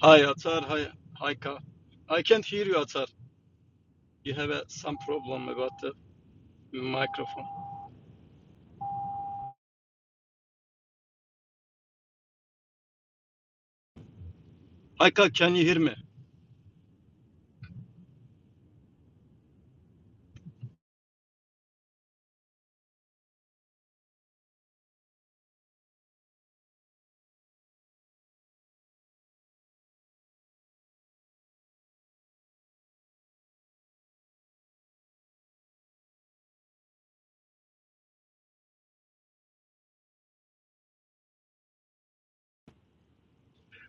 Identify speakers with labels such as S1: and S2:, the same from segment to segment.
S1: Hi, Atar. Hi, hi, Ka. I can't hear you, Atar. You have uh, some problem about the microphone. Haika, can you hear me?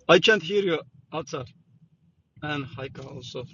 S1: I can't hear you, Atar. And Haika also.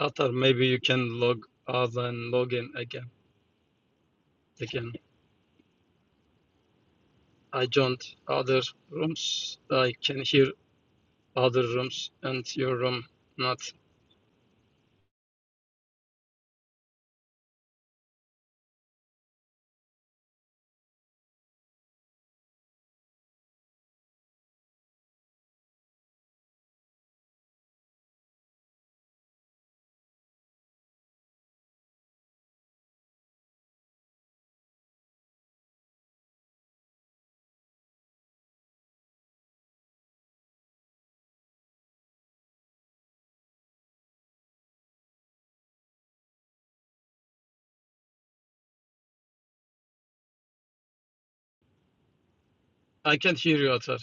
S1: Atar, maybe you can log out and log in again. Again, I joined other rooms. I can hear other rooms and your room not. I can't hear you, Atar.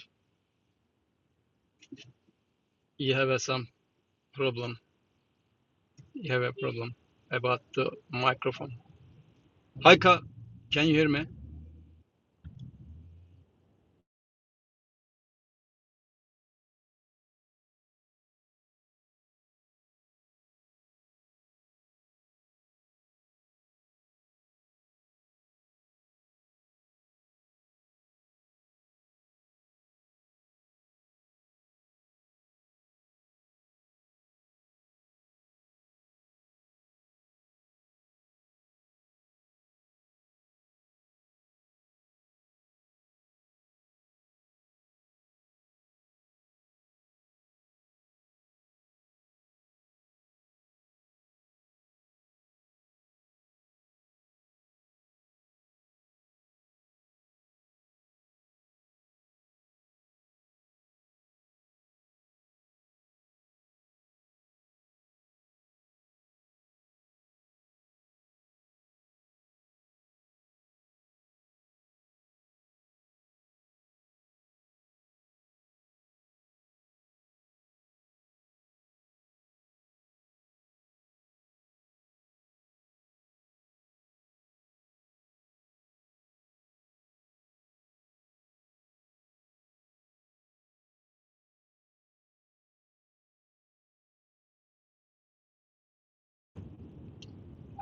S1: You have uh, some problem. You have a problem about the microphone. Haika, can you hear me?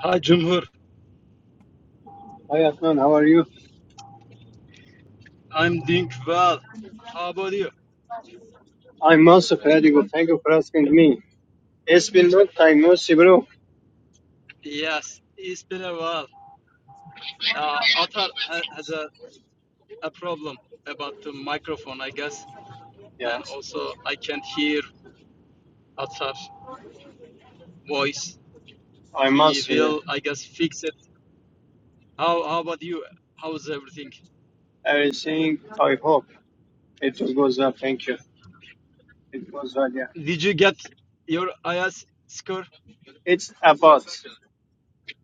S1: Hi, Jumhur.
S2: Hi Adnan, how are you?
S1: I'm doing well. How about you?
S2: I'm also pretty good. Thank you for asking me. It's been long time, no see, bro.
S1: Yes, it's been a while. Uh, Atar ha- has a, a problem about the microphone, I guess, and
S2: Yes,
S1: also I can't hear Atar's voice.
S2: I'm
S1: He
S2: also here.
S1: will, I guess, fix it. How, how about you? How's everything?
S2: Everything, I hope it will go well. Thank you. It goes well, yeah.
S1: Did you get your IS score?
S2: It's about,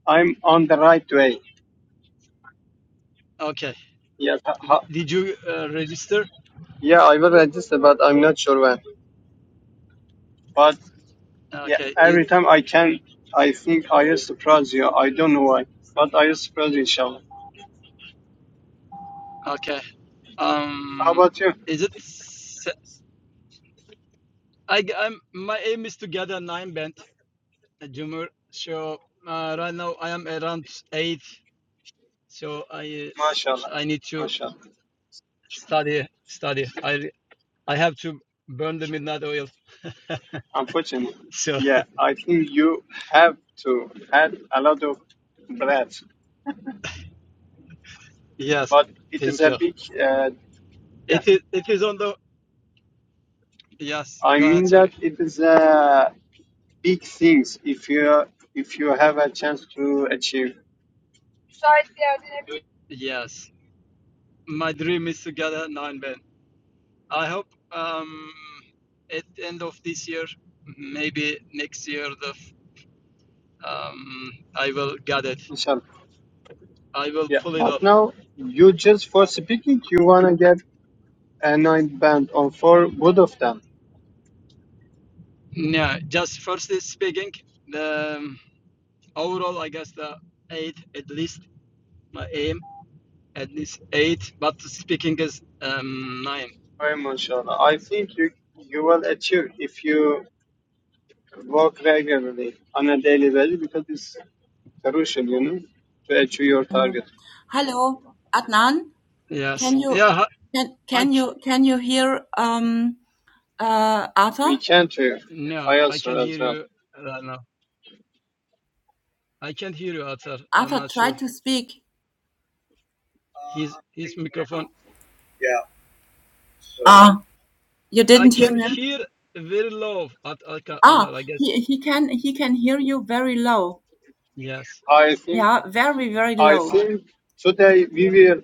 S2: I'm on the right way.
S1: Okay.
S2: Yeah, ha-
S1: W-
S2: ha-
S1: Did you uh, register?
S2: yeah, I will register, but I'm not sure when. But yeah,
S1: Okay.
S2: every
S1: You
S2: time I can, I think I will surprise you. I don't know why, but I will surprise you, inshallah.
S1: okay?
S2: How
S1: Um,
S2: about you?
S1: is it? se- I, am my aim is to get a nine band. uh, Jumur. So uh, right now I am around eight. So I uh, s- I need to
S2: MashaAllah.
S1: study study. I I have to burn the midnight oil.
S2: Unfortunately,
S1: So
S2: yeah, I think you have to add a lot of bread,
S1: yes,
S2: but it is
S1: thank
S2: a
S1: you.
S2: big, uh, yeah.
S1: It is it is on the yes.
S2: I
S1: Go ahead.
S2: mean
S1: Sorry.
S2: that it is a big things if you if you have a chance to achieve,
S1: Yes, my dream is to gather nine men. I hope um at the end of this year, maybe next year the f- um I will get it.
S2: inshallah.
S1: I will
S2: Yeah,
S1: pull it
S2: but
S1: off.
S2: now you just for speaking, you wanna get a nine band on for both of them.
S1: Yeah, just firstly speaking. the. overall, I guess the eight at least my aim at least eight, but speaking is um nine.
S2: Very much, inshallah. I think you you will achieve if you work regularly on a daily basis because it's crucial, you know, to achieve your
S3: And
S2: target.
S3: hello, Adnan.
S1: Yes,
S3: Can you
S1: yeah,
S3: can
S1: I
S3: can you can you hear um uh
S2: We
S3: Arthur?
S2: can to
S1: no,
S2: I
S1: I
S2: also
S1: can hear
S2: as well.
S1: you right now. I can not hear you, Atar. I'm
S3: Arthur
S1: not sure
S3: tried to speak.
S1: his his microphone.
S3: Yeah. So Ah, you
S1: I
S3: didn't hear
S1: can
S3: him.
S1: hear very low at Atar. Atar,
S3: Ah,
S1: I guess
S3: he he can he can hear you very low.
S1: yes,
S2: I think
S3: Yeah, very very
S2: I
S3: low.
S2: think today we will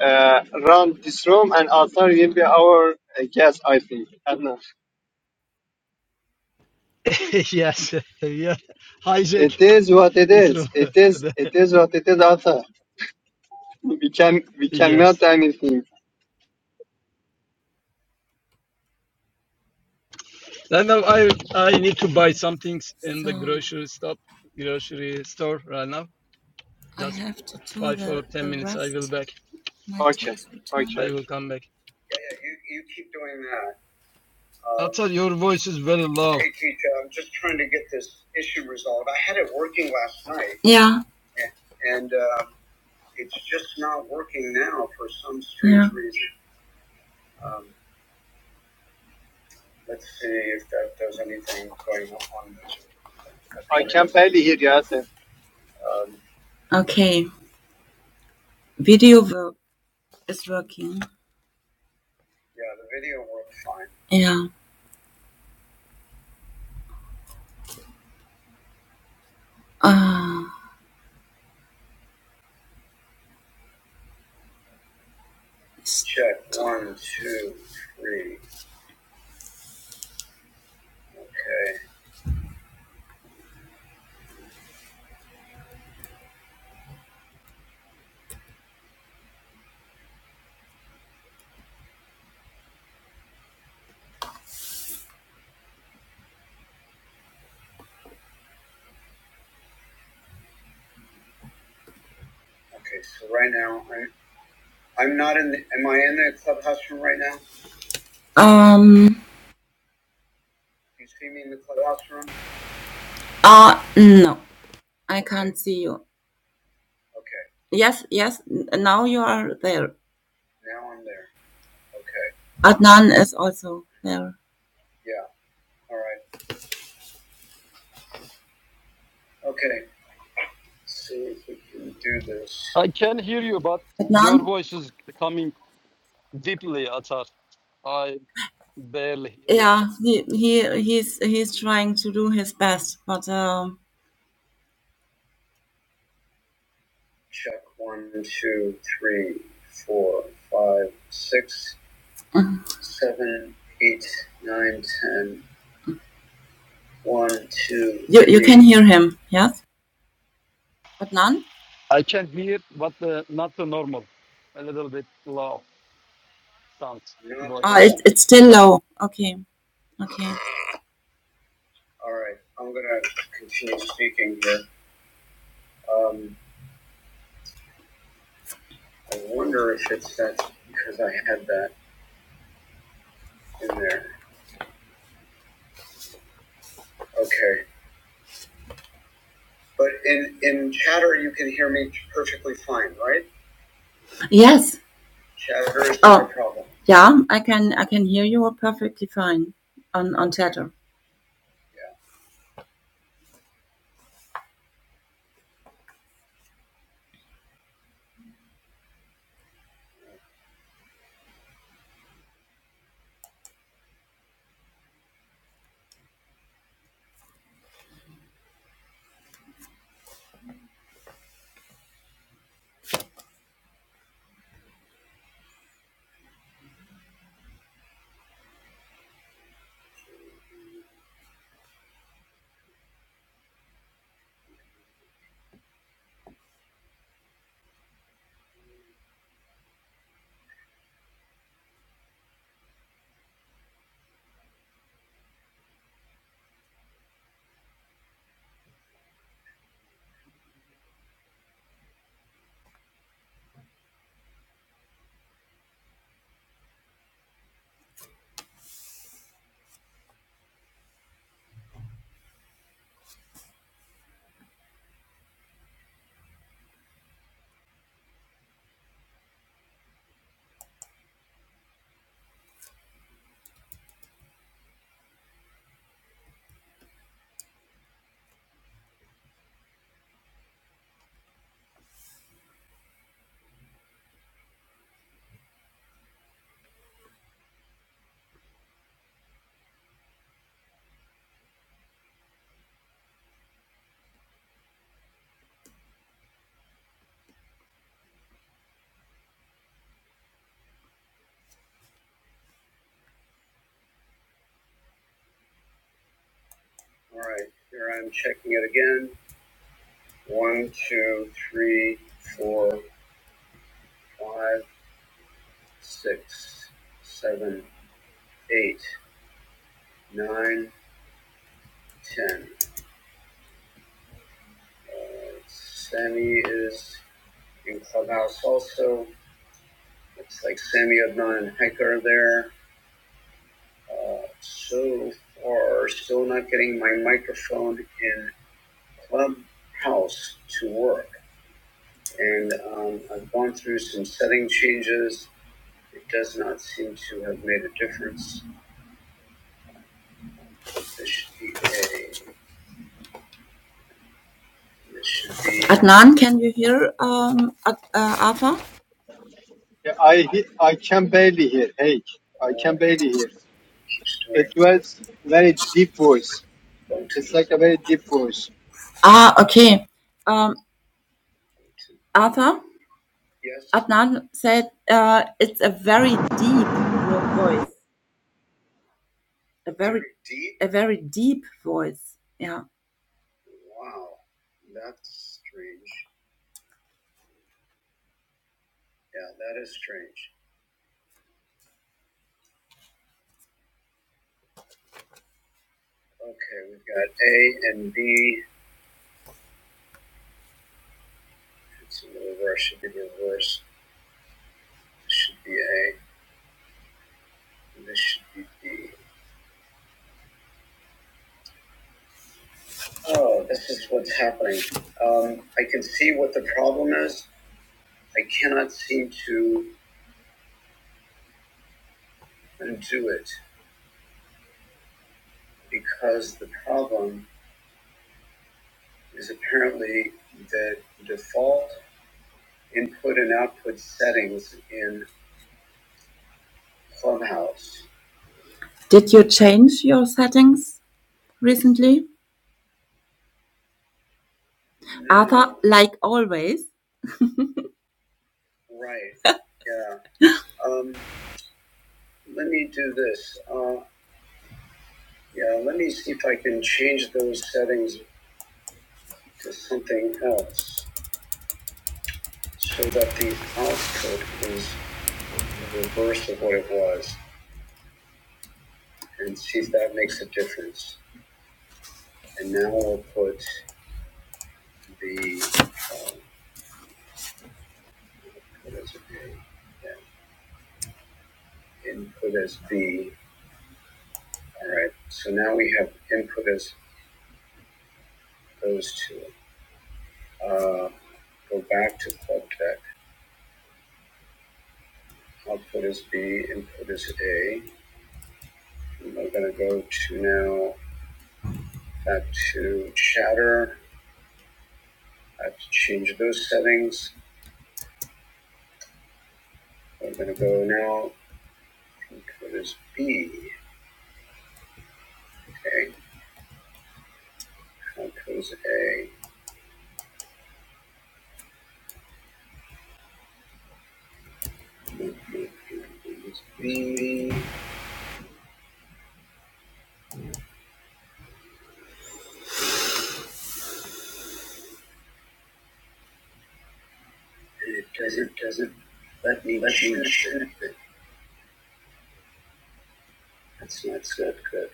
S2: uh, run this room and after will be our uh, guest. I think. Adnan.
S1: yes, yeah. Hijack
S2: It is what it
S1: his
S2: is.
S1: room.
S2: It is it is what it is. After we can we
S1: yes,
S2: cannot do anything.
S1: and now I I need to buy some things in the
S3: So
S1: grocery stop grocery store right now.
S3: I
S1: Just
S3: have to do
S1: five or
S3: the
S1: ten
S3: the
S1: minutes. I will
S3: rest.
S1: back.
S3: My
S2: Okay,
S3: tax return.
S2: okay,
S1: I will
S2: okay.
S1: come back.
S3: yeah, yeah. You, you keep doing that. Um,
S1: Atar, your voice is very low.
S3: hey, Keisha, I'm just trying to get this issue resolved. I had it working last night, Yeah. and uh, it's just not working now for some strange yeah. reason. Um, let's see if that does anything going on. That
S2: I
S3: probably
S2: can
S3: doesn't do
S2: barely hear you.
S3: anything.
S2: Arthur.
S3: Um, Okay. Video work is working. yeah, the video worked fine. Yeah. Ah. Check one, two, three. Okay. Okay. So right now, I'm I'm not in. The, am I in the clubhouse room right now? um. You see me in the clubhouse room? Ah. no. I can't see you. Okay. Yes, yes. n- Now you are there. Now I'm there. Okay. Adnan is also there. Yeah. All right. Okay. See if we can do this.
S1: I can hear you, but your
S3: Adnan?
S1: voice is coming deeply, Atar. I barely hear you.
S3: Yeah, he, he he's he's trying to do his best, but um, Check one, two, three, four, five, six, seven, eight, nine, ten. One, two, you you three. can three. hear him. Yes, Adnan.
S1: I can hear, but uh, not the normal. A little bit low sound
S3: No, Ah,
S1: voice.
S3: it, it's still low. Okay, okay. all right. I'm gonna continue speaking here. Um, I wonder if it's that because I had that in there. Okay, but in in chatter you can hear me perfectly fine, right? Yes. Chatter is not a Oh, problem. yeah. I can I can hear you perfectly fine on on chatter. Yeah. All right, here I'm checking it again. One, two, three, four, five, six, seven, eight, nine, ten. Uh, Sammy is in clubhouse also. Looks like Sammy, Adnan, and Heike there. Uh, so far, still not getting my microphone in clubhouse to work. And um, I've gone through some setting changes. It does not seem to have made a difference. This should be a. This should be. Adnan, can you hear um, Ad, uh, Alpha?
S2: Yeah, I he- I can barely hear. Hey, I
S3: Oh,
S2: can
S3: it
S2: barely hear.
S3: keeps doing.
S2: It was very deep voice. It's like a very deep voice.
S3: Ah, okay. Um, Arthur, Yes, Adnan said uh, it's a very deep vo- voice. A very, very deep, a very deep voice. Yeah. Wow, that's strange. Yeah, that is strange. strange. Yeah, Okay, we've got A a and B. B. It's reverse. reverse. should should should be be be This This this Oh, is is. what's happening. I I can see what the problem is. I cannot seem to. and do it because the problem is apparently that default input and output settings in Clubhouse. Did you change your settings recently? Arthur, No, like always. right. Yeah. Um, let me do this. Uh, yeah, let me see if I can change those settings to something else so that the output is the reverse of what it was and see if that makes a difference. And now I'll put the, uh, what is it, yeah, input as B. All right, so now we have input as those two. Uh, Go back to club deck, output is B, input is A. And I'm gonna go to now, back to chatter, I have to change those settings. I'm gonna go now, input is B, okay, output is A. Input is B. and it doesn't, doesn't let me, let me, that's, that's not so good.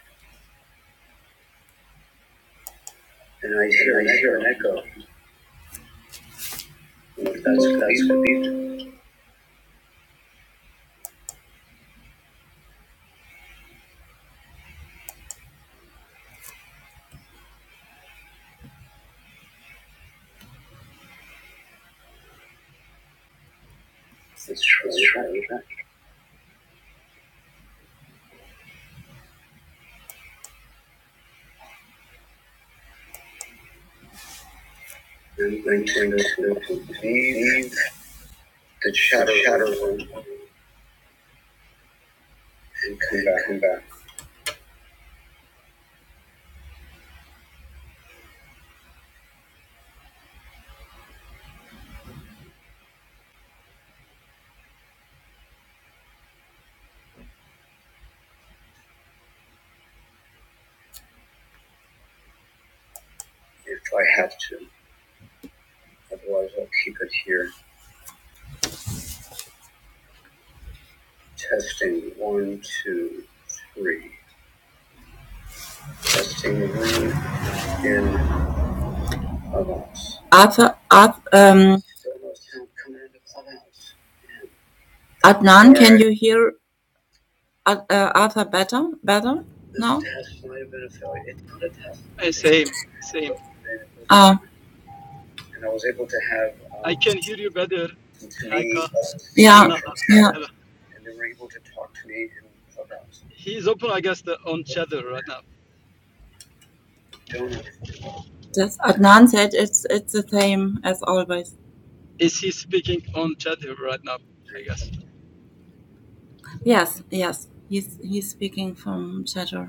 S3: And I hear, I hear an echo. That's, that's good. It's true. It's true. I'm going to leave the shadow, shadow room and come back, come back if I have to. Otherwise, I'll keep it here. Testing one, two, three. Testing the room in a Arthur, Arthur um, Still no Adnan, can you hear Ar- uh, Arthur better? Better now? test might have been a failure. It's not a test,
S1: Eh,
S3: but they
S1: same, same.
S3: Uh, and I was able to have
S1: I
S3: um,
S1: can hear you better.
S3: to me
S1: Haika,
S3: uh, Yeah, from
S1: not
S3: China,
S1: Atar.
S3: yeah.
S1: Hello.
S3: and they were able to talk to me in clubhouse.
S1: He's open, I guess, the, on
S3: But you
S1: Cheddar right now.
S3: don't everything work. Yes, Adnan said it's it's the same as always.
S1: Is he speaking on Cheddar right now? I guess.
S3: And Yes, yes. He's he's speaking from chatter.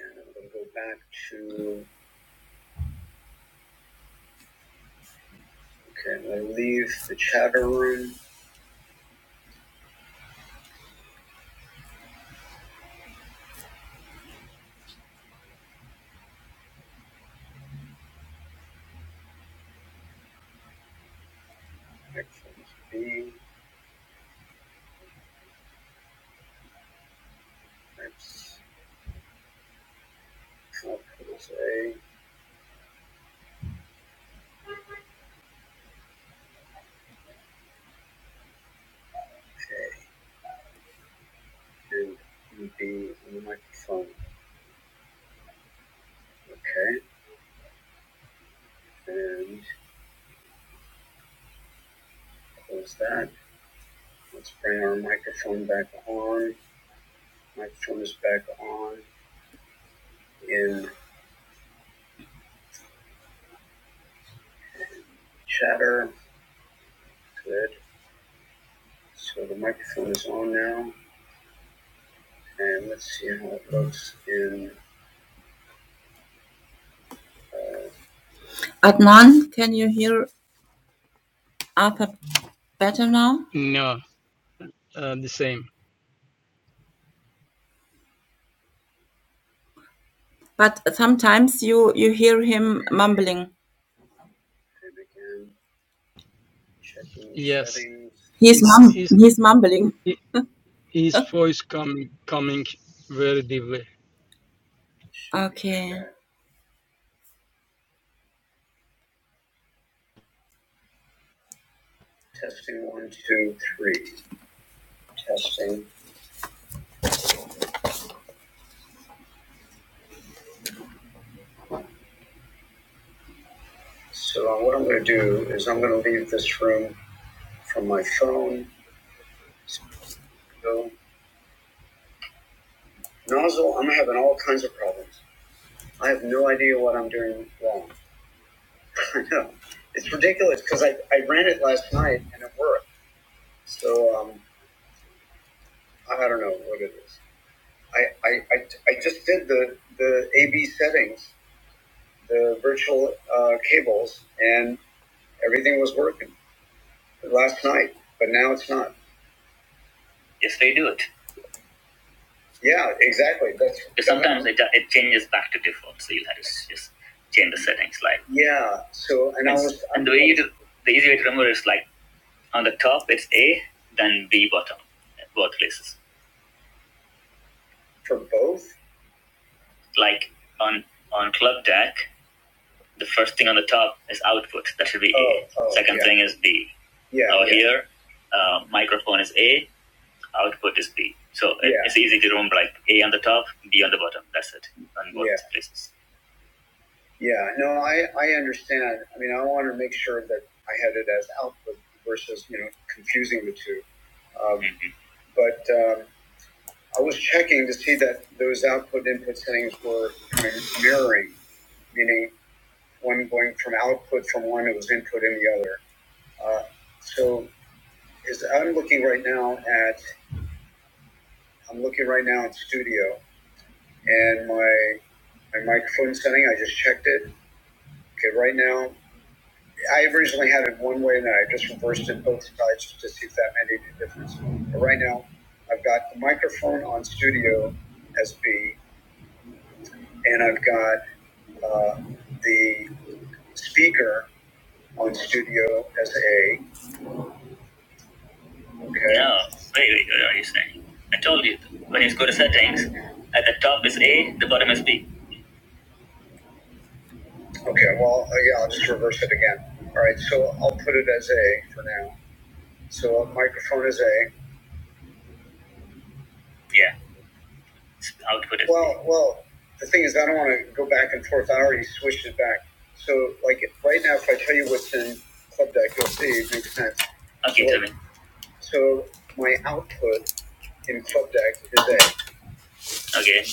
S3: And I'm gonna go back to okay. I'm gonna leave the chatter room. Sections B subclase A, K, and B on the microphone. Okay, and close that. Let's bring our microphone back on. Microphone is back on in chatter. Good. So the microphone is on now, and let's see how it looks in. Adnan, can you hear Arthur better now?
S1: No, uh, the same.
S3: But sometimes you you hear him mumbling. and again. Checking
S1: Yes.
S3: settings. He's mum.
S1: Is
S3: He's mumbling.
S1: his voice coming coming very deeply?
S3: Okay. Okay, Testing one, two, three. Testing. So uh, what I'm going to do is I'm going to leave this room from my phone. So, nozzle, I'm having all kinds of problems. I have no idea what I'm doing wrong. I know. It's ridiculous because I, I ran it last night and it worked. So um, I don't know what it is. I, I, I, I just did the, the AB settings the virtual uh, cables, and everything was working last night. But now it's not. Yes, they do it. Yeah, exactly. That's sometimes it, it changes back to default, so you'll have to just change the settings. Like yeah. So and I was and the way you do, the easy way to remember is like on the top it's A, then B bottom, both places. For both. Like on on Club Deck, the first thing on the top is output. That should be Oh, A. oh, Second yeah. thing is B. Yeah. Now yeah. here, uh, microphone is A, output is B. So it, Yeah. it's easy to remember like A on the top, B on the bottom. That's it on both Yeah. places. Yeah, no, I, I understand. I mean, I want to make sure that I had it as output versus, you know, confusing the two. Um, mm-hmm. but um, I was checking to see that those output input settings were kind of mirroring, meaning one going from output from one, it was input in the other. Uh, so is I'm looking right now at I'm looking right now at studio and my my microphone setting. I just checked it. Okay, right now I originally had it one way, and then I just reversed it both sides to see if that made any difference. But right now, I've got the microphone on studio as B, and I've got uh, the speaker on studio as A, Yeah, very, very good, what you saying. I told you, when you go to settings, at the top is A, the bottom is B. Okay, well, uh, yeah, I'll just reverse it again. All right, so I'll put it as A for now. So a microphone is A. Yeah, s- output is Well, B. well, the thing is, I don't want to go back and forth. I already switched it back. So, like, right now, if I tell you what's in Club Deck, you'll see it makes sense. Okay, so, tell me. So my output in Club Deck is A. Okay.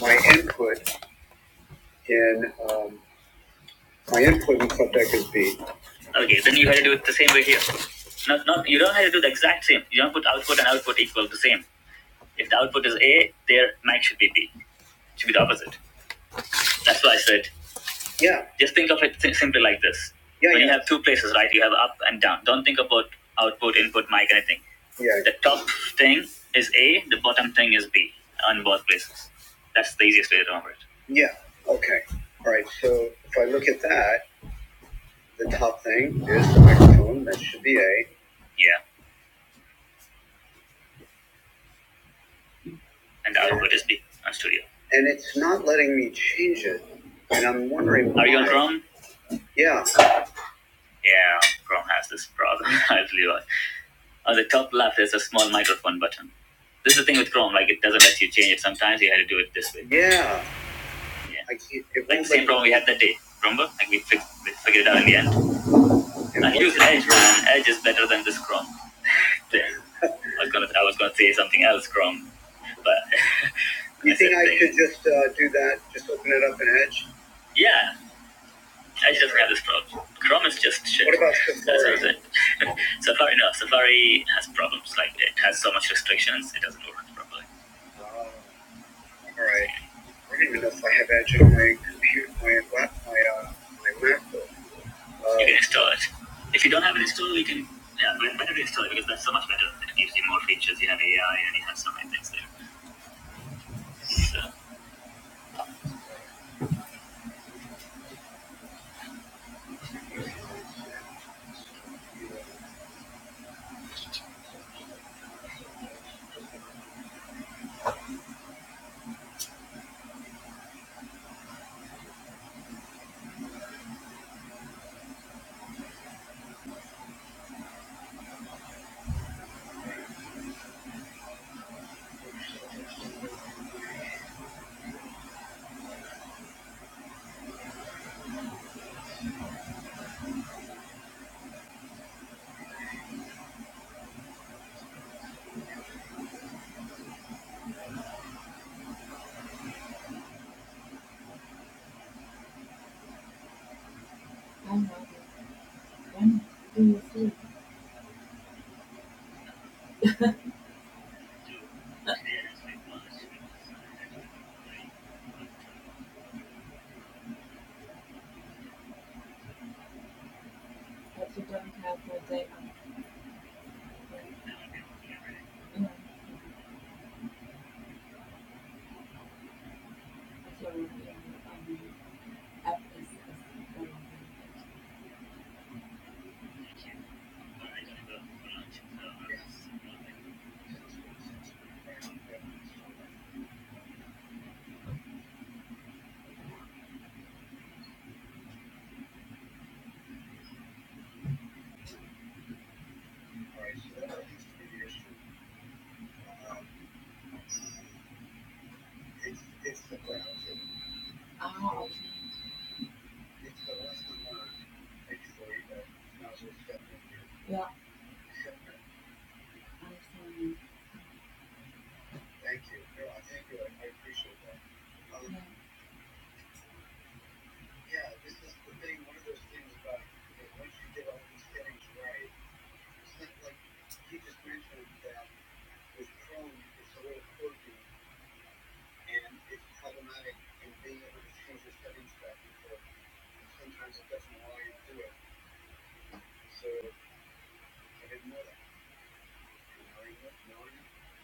S3: My input in um, My input and is B. Okay, then you have to do it the same way here. No, no, you don't have to do the exact same. You don't put output and output equal the same. If the output is A, their max should be B. It should be the opposite. That's why I said. Yeah. Just think of it si- simply like this. Yeah, when yeah. you yeah. have two places, right? You have up and down. Don't think about output, input, mic, anything. Yeah. The top thing is A. The bottom thing is B. On both places. That's the easiest way to remember it. Yeah. Okay. All right. So if I look at that. the top thing is the microphone. That should be A. Yeah, and the output is B on Studio. And it's not letting me change it. And I'm wondering why. Are you on Chrome? Yeah. Yeah, Chrome has this problem. I believe on the top left there's a small microphone button. This is the thing with Chrome, like it doesn't let you change it. Sometimes you had to do it this way. Yeah. Yeah. Like the same problem we had that day. Remember? Like we fixed, we figured it out in the end. And will use Edge, man. Edge is better than this Chrome. The I was gonna I was gonna say something else, Chrome, but You said think I should just uh, do that? Just open it up in Edge? Yeah, Edge doesn't have this problem. Chrome is just shit. What about Safari? That's what Safari? Safari no, Safari has problems. Like it has so much restrictions, it doesn't work properly. Uh, all right. I don't even know if I have Edge on my computer, my my uh, my laptop. You can install it. If you don't have it installed, you can yeah, but it's better to install it because that's so much better. It gives you more features. You have AI and you have so many things there. So. It's the ground. It's the last time. Thank you for that. No problem. Thank you. No, thank you. I appreciate that. Yeah, this is the thing. One of those things about once you get all these settings right, like you just mentioned, that is prone to a little cording and it's problematic. And being able to change the settings back before, sometimes it doesn't want to do it. So I didn't know that. No, no.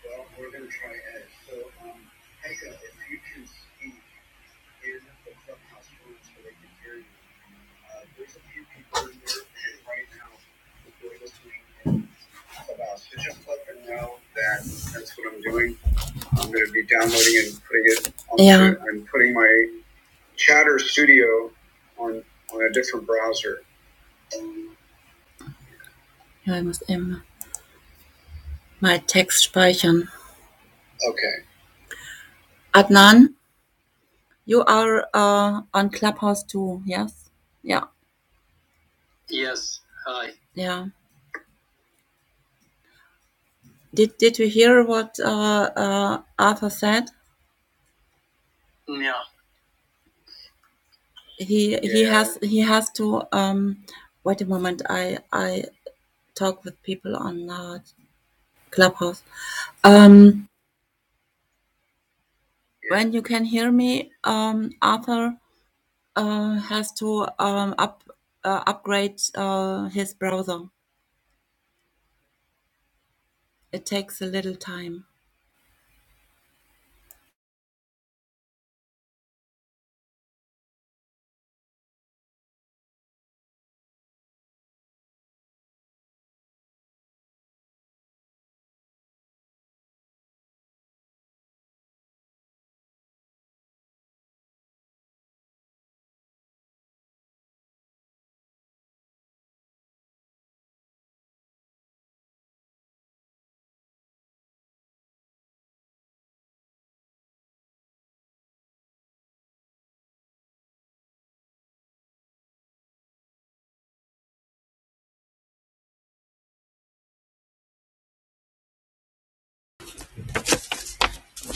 S3: Well, we're going to try Ed. So, um, Pega, if you can speak in the clubhouse room so they can hear you. Uh, there's a few people in there right now who are listening in clubhouse. So just let them know that that's what I'm doing. I'm going to be downloading and putting it. On yeah. the, I'm putting my Chatter Studio on on a different browser. Ja, ich muss eben mal Text speichern. Okay. Adnan? You are uh, on Clubhouse too, yes? Yeah, Hi. yeah. Did Did you hear what uh, uh, Arthur said? Yeah. He he Yeah. has he has to. Um, wait a moment. I I talk with people on uh, Clubhouse. Um, Yeah. when you can hear me, um, Arthur uh, has to um, up uh, upgrade uh, his browser. It takes a little time.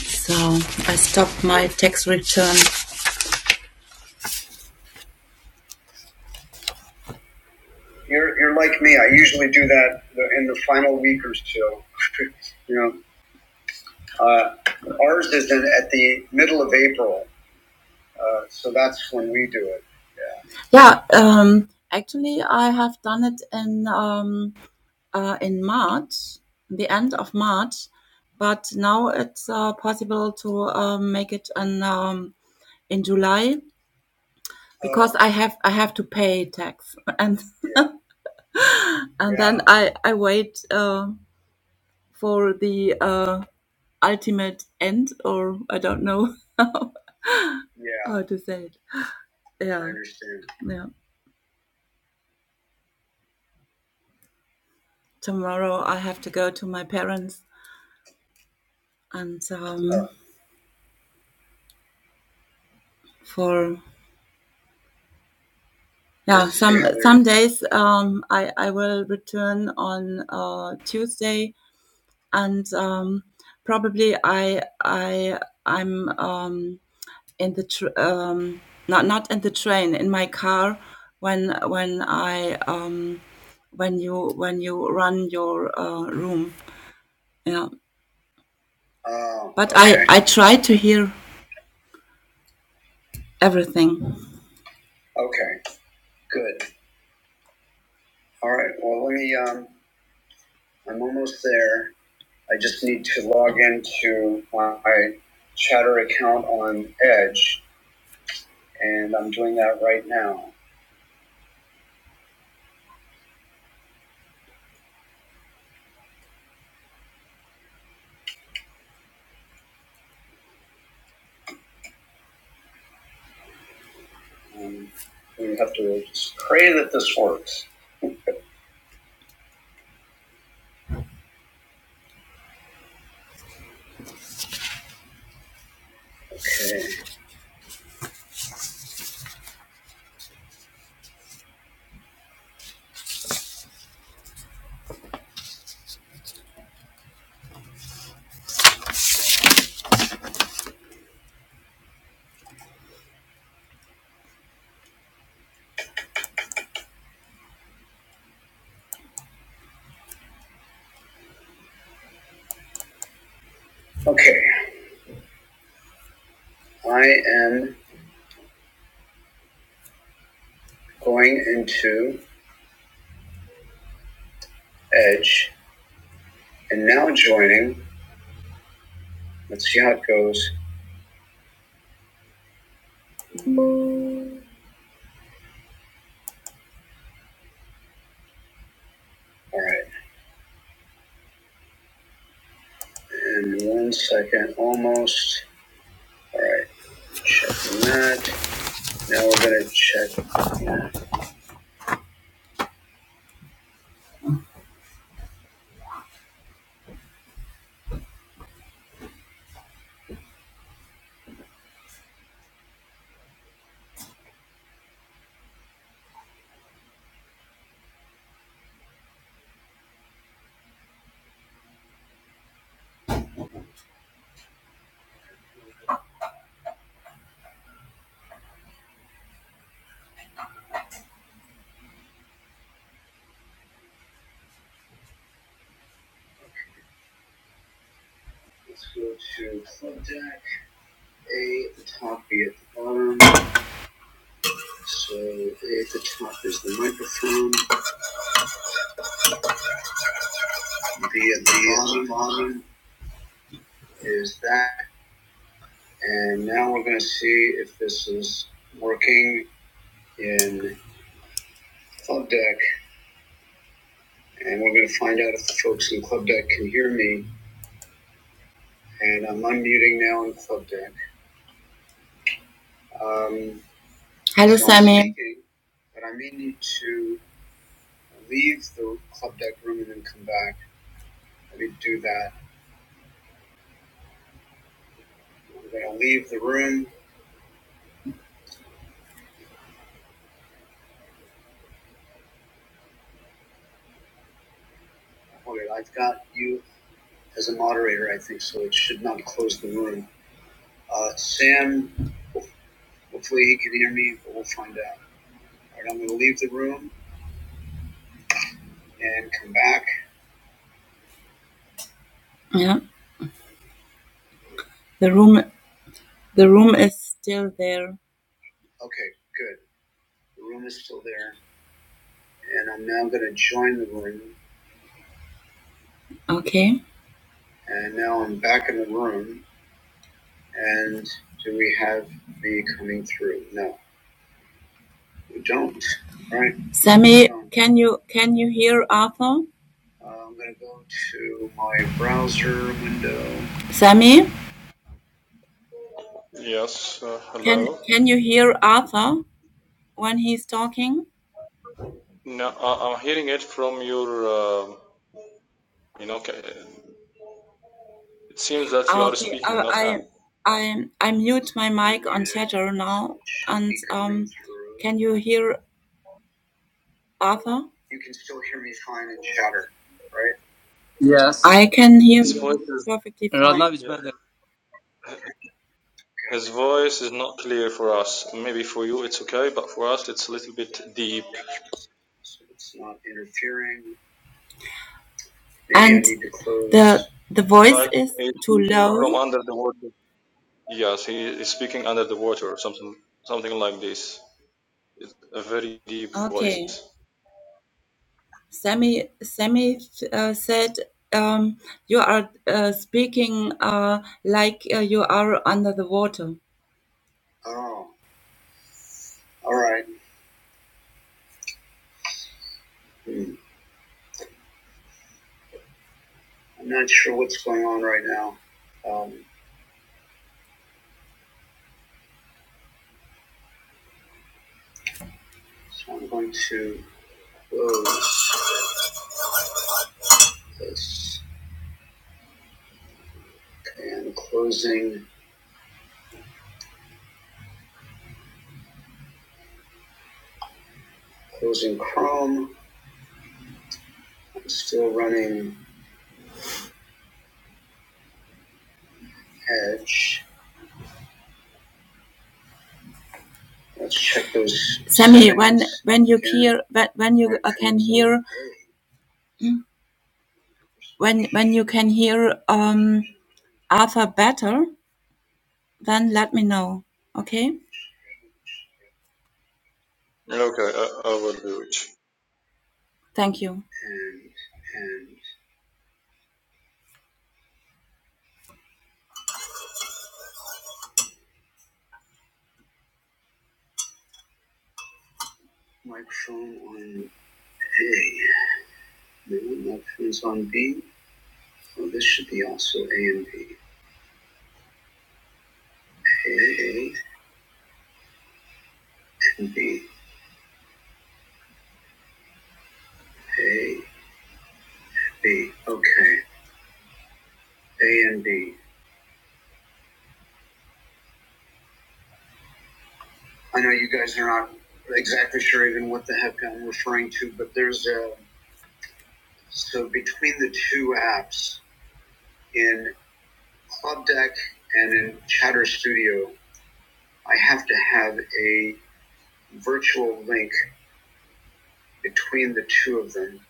S3: So I stopped my tax return You're, you're like me. I usually do that in the final week or so. you know, uh, ours is in, at the middle of April, uh, so that's when we do it. Yeah, um, actually, I have done it in um, uh, in March, the end of March, but now it's uh, possible to um, make it in um, in July because I have I have to pay tax and and yeah. then I I wait uh, for the uh, ultimate end, or I don't know how, Yeah, how to say it. I Yeah, I understand. yeah. Tomorrow I have to go to my parents, and um, Oh. for yeah, some Yeah. some days um, I I will return on uh, Tuesday, and um, probably I I I'm um, in the tr- um, not not in the train in my car when when I um, when you when you run your uh, room Yeah. Oh, But okay. I, I try to hear everything. Okay, good. All right. Well, let me. Um, I'm almost there. I just need to log into my Chatter account on Edge, and I'm doing that right now. Um, we have to just pray that this works. Okay. Okay. I am going into Edge and now joining. Let's see how it goes. All right. And one second, almost. Alright, checking that. Now we're gonna check. yeah, Let's go to contact. A at the top, B at the bottom. So A at the top is the microphone. B at the bottom, is that. And now we're gonna see if this is working in Club Deck. And we're gonna find out if the folks in Club Deck can hear me. And I'm unmuting now in Club Deck. Um, Hello, so i speaking, But I may need to leave the club deck room and then come back. I didn't do that. We're going to leave the room. Okay, I've got you as a moderator, I think, so it should not close the room. Uh, Sam, hopefully he can hear me, but we'll find out. All right, I'm going to leave the room and come back. Yeah, the room the room is still there. Okay, good. The room is still there, and I'm now going to join the room. Okay. And now I'm back in the room. And do we have me coming through? No, we don't. All right. Sammy, Um, can you can you hear Arthur? uh, I'm gonna go to my browser window. Sammy,
S4: Yes, uh,
S3: can
S4: hello.
S3: can you hear Arthur when he's talking?
S4: No, I- I'm hearing it from your, um you know, ca- it seems that you are
S3: Okay, I
S4: speaking, not
S3: I
S4: him.
S3: I, I mute my mic on chatter now, and um, can you hear Arthur? You can still hear me fine in chatter, right?
S1: Yes.
S3: I can hear
S4: His voice
S3: you
S4: is,
S3: perfectly
S1: Right
S3: fine.
S1: now it's
S3: Okay.
S4: yeah,
S1: better.
S4: his voice is not clear for us. Maybe for you it's okay, but for us it's a little bit deep.
S3: So it's not interfering. Maybe And the, the voice
S4: Like
S3: is
S4: he's
S3: too
S4: speaking from
S3: low.
S4: under the water. Yes, he is speaking under the water or something, something like this. It's a very deep voice.
S3: Okay. Sammy, Sammy uh, said um, you are uh, speaking uh, like uh, you are under the water. Oh, all right. Hmm. I'm not sure what's going on right now. Um, so I'm going to close this and closing, closing Chrome. I'm still running Edge. Let's check those. Sammy, when when you Yeah. hear when, when you uh, can hear when when you can hear um Arthur better, then let me know. Okay,
S4: Okay, I, I will do it.
S3: thank you. and and like on A. No, no pins on B. Well, this should be also A and B. A, A, and B. A, B. Okay. A and B. I know you guys are not exactly sure even what the heck I'm referring to, but there's a So between the two apps, in Club Deck and in Chatter Studio, I have to have a virtual link between the two of them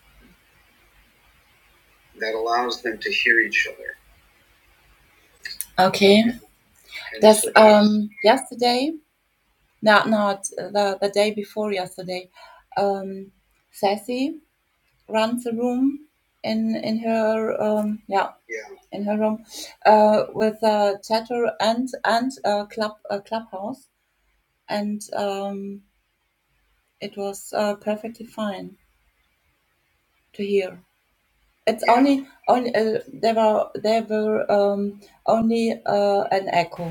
S3: that allows them to hear each other. and yesterday, not not uh, the the day before yesterday. Um, Sassy runs a room in in her um yeah yeah in her room uh with uh chatter and and uh club uh, clubhouse and um, it was uh, perfectly fine to hear. It's Yeah. only only uh, there were there were um, only uh, an echo.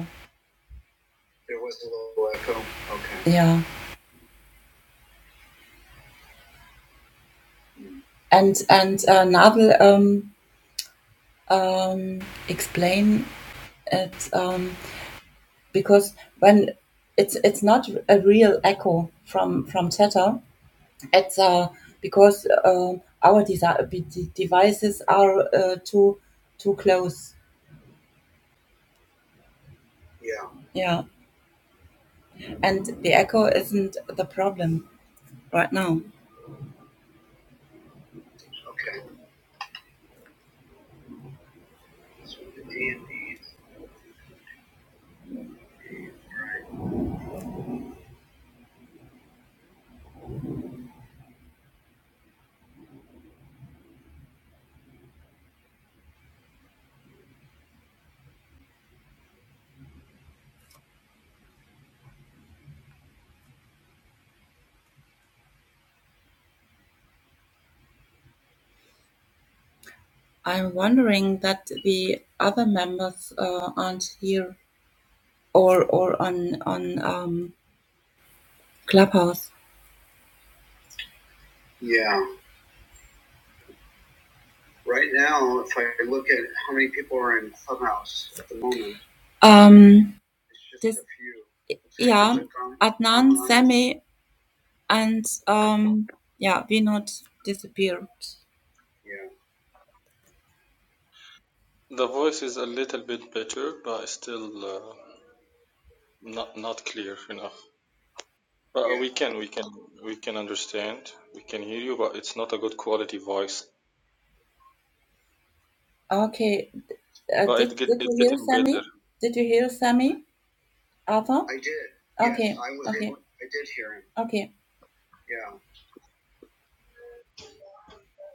S3: There was a little echo. Okay. Yeah, and and uh, Nadel um, um, explain it um, because when it's it's not a real echo from from Theta. It's uh, because uh, our desi- be- de- devices are uh, too too close. Yeah. Yeah. and the echo isn't the problem right now. Okay. So the D and D. I'm wondering that the other members uh, aren't here or or on on um, Clubhouse. Yeah. Right now, if I look at how many people are in Clubhouse at the moment, Um, it's just this a few. like yeah, those Adnan, Sami, and um, yeah, we not disappeared. Yeah.
S4: The voice is a little bit better, but still uh, not not clear enough. But uh, we
S3: Yeah.
S4: can we can we can understand. We can hear you, but it's not a good quality voice.
S3: Okay, Uh,
S4: But
S3: did
S4: it get
S3: Did you
S4: it's
S3: hear
S4: getting better.
S3: Sammy? Did you hear Sammy Arthur? I did. yes, Okay. Yes, I was okay. able- I did hear him. Okay. Yeah,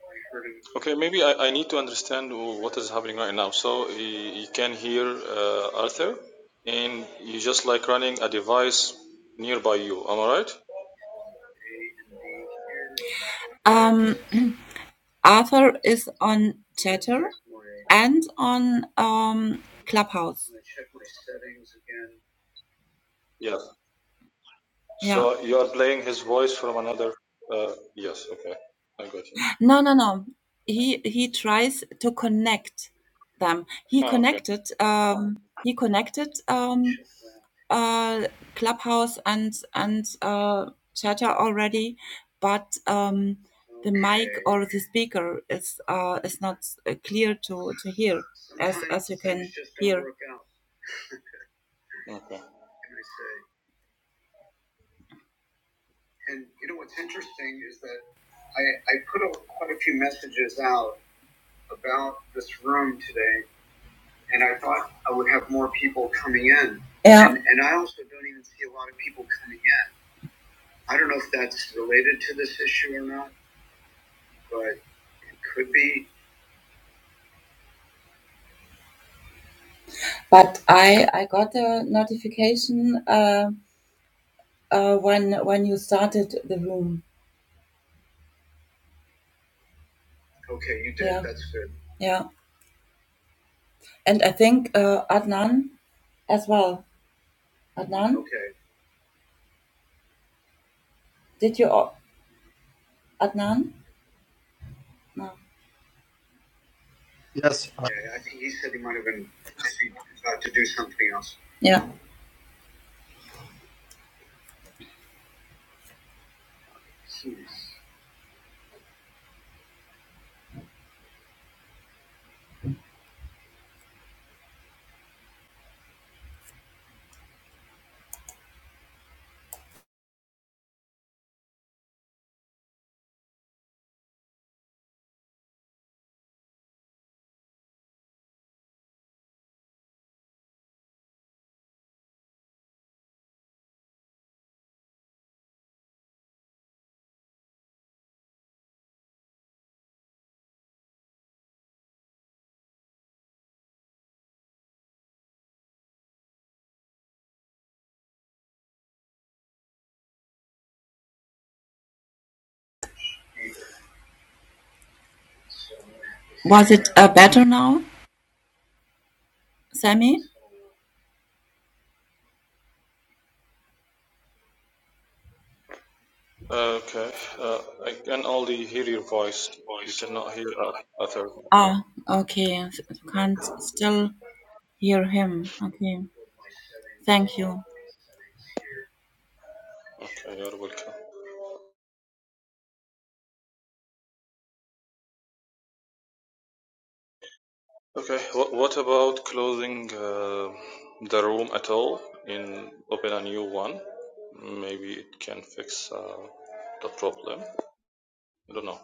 S3: I heard him
S4: Okay, maybe I, I need to understand what is happening right now. So you, you can hear uh, Arthur, and you just like running a device nearby you. Am I right?
S3: A and B here. Um, Arthur is on Chatter and on um Clubhouse. I check my settings again.
S4: Yeah.
S3: Yeah.
S4: So you are playing his voice from another. Uh, yes. Okay. I got you.
S3: No, no, no. He he tries to connect them. He
S4: Oh, okay.
S3: connected. Um, he connected um, uh, Clubhouse and and uh, Chatter already, but um, the mic or the speaker is uh, is not uh, clear to to hear as as you can hear.
S4: Okay.
S3: And you know what's interesting is that I, I put a, quite a few messages out about this room today and I thought I would have more people coming in. Yeah. And, and I also don't even see a lot of people coming in. I don't know if that's related to this issue or not, but it could be. But I I got a notification uh, uh, when when you started the room. Okay, you did. Yeah. That's good. Yeah, and I think uh, Adnan as well. Adnan, Okay. did you Adnan? No.
S1: Yes, uh,
S3: Yeah, I think he said he might have been about to do something else. Yeah. Hmm. Was it uh, better now, Sammy?
S4: Uh, Okay. Uh, I can only hear your voice. We
S3: Voice.
S4: cannot
S3: We
S4: hear
S3: could
S4: o-
S3: not-
S4: other now.
S3: Ah, okay. Can't still hear him. Okay, thank you.
S4: Okay. You're welcome. Okay. What What about closing uh, the room at all and open a new one? Maybe it can fix uh, the problem. I don't know.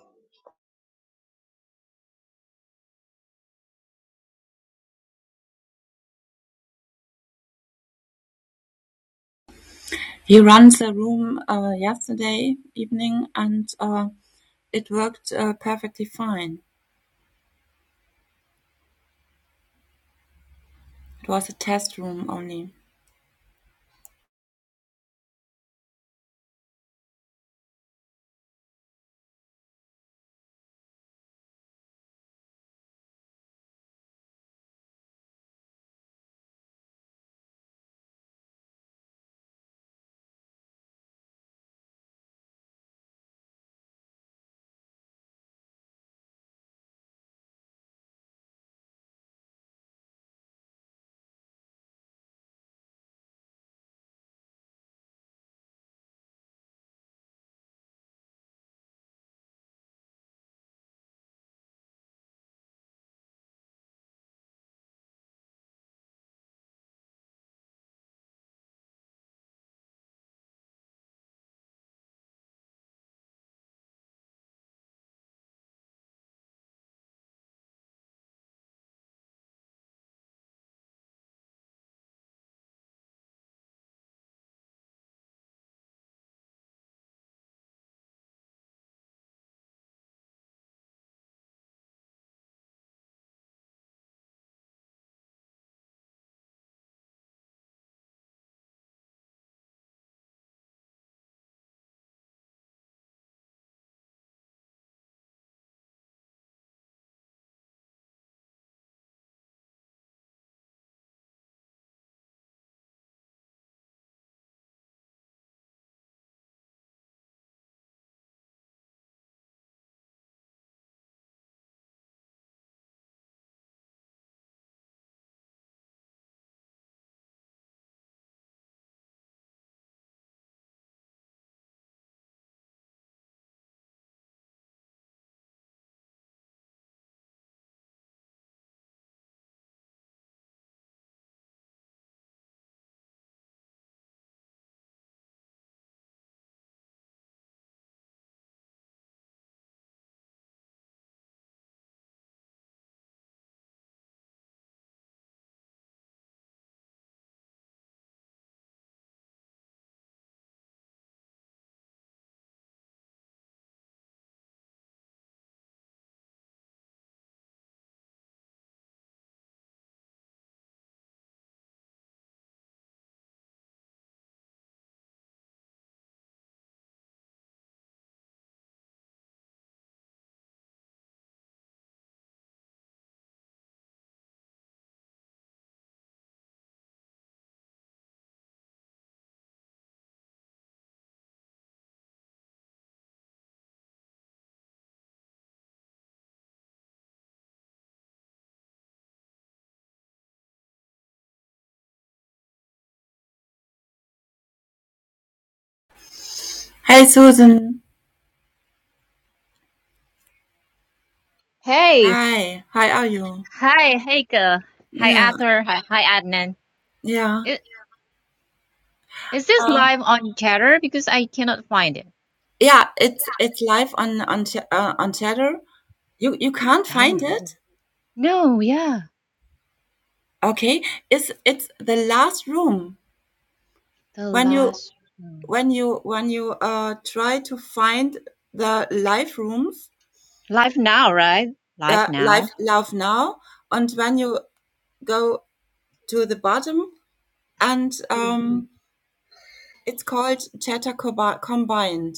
S3: He runs the room uh, yesterday evening, and uh, it worked uh, perfectly fine. It was a test room only. Hey, Susan.
S5: Hey,
S3: Hi. How are you?
S5: hi Heike, hi
S3: Yeah,
S5: Arthur, hi, hi Adnan.
S3: yeah,
S5: I- Is this
S3: uh,
S5: live on Chatter? Because I cannot find it.
S3: yeah. It's it's live on on Ch- uh, on Chatter. You you can't
S5: Oh,
S3: find
S5: yeah.
S3: it.
S5: no, yeah,
S3: Okay, it's it's the last room.
S5: the
S3: when you
S5: last one.
S3: when you when you uh, try to find the live rooms
S5: live now, right? Live
S3: uh,
S5: now.
S3: live love now and when you go to the bottom and
S5: To, the,
S3: um, it's called chatter Cobi- combined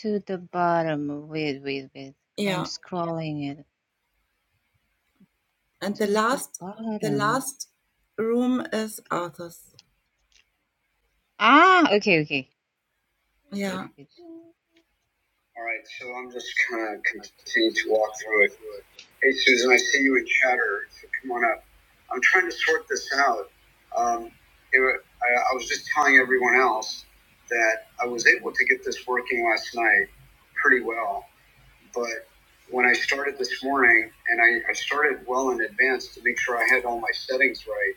S5: to the bottom. Wait, wait, wait. I'm
S3: yeah
S5: scrolling it
S3: and the
S5: to the
S3: last the
S5: bottom.
S3: last room is arthur's
S5: Ah, okay, okay. Wait,
S3: yeah
S5: wait.
S3: All right, so I'm just gonna continue to walk through it. Hey, Susan, I see you in chatter. So come on up. I'm trying to sort this out. Um, it, I, I was just telling everyone else that I was able to get this working last night pretty well. But when I started this morning, and I, I started well in advance to make sure I had all my settings right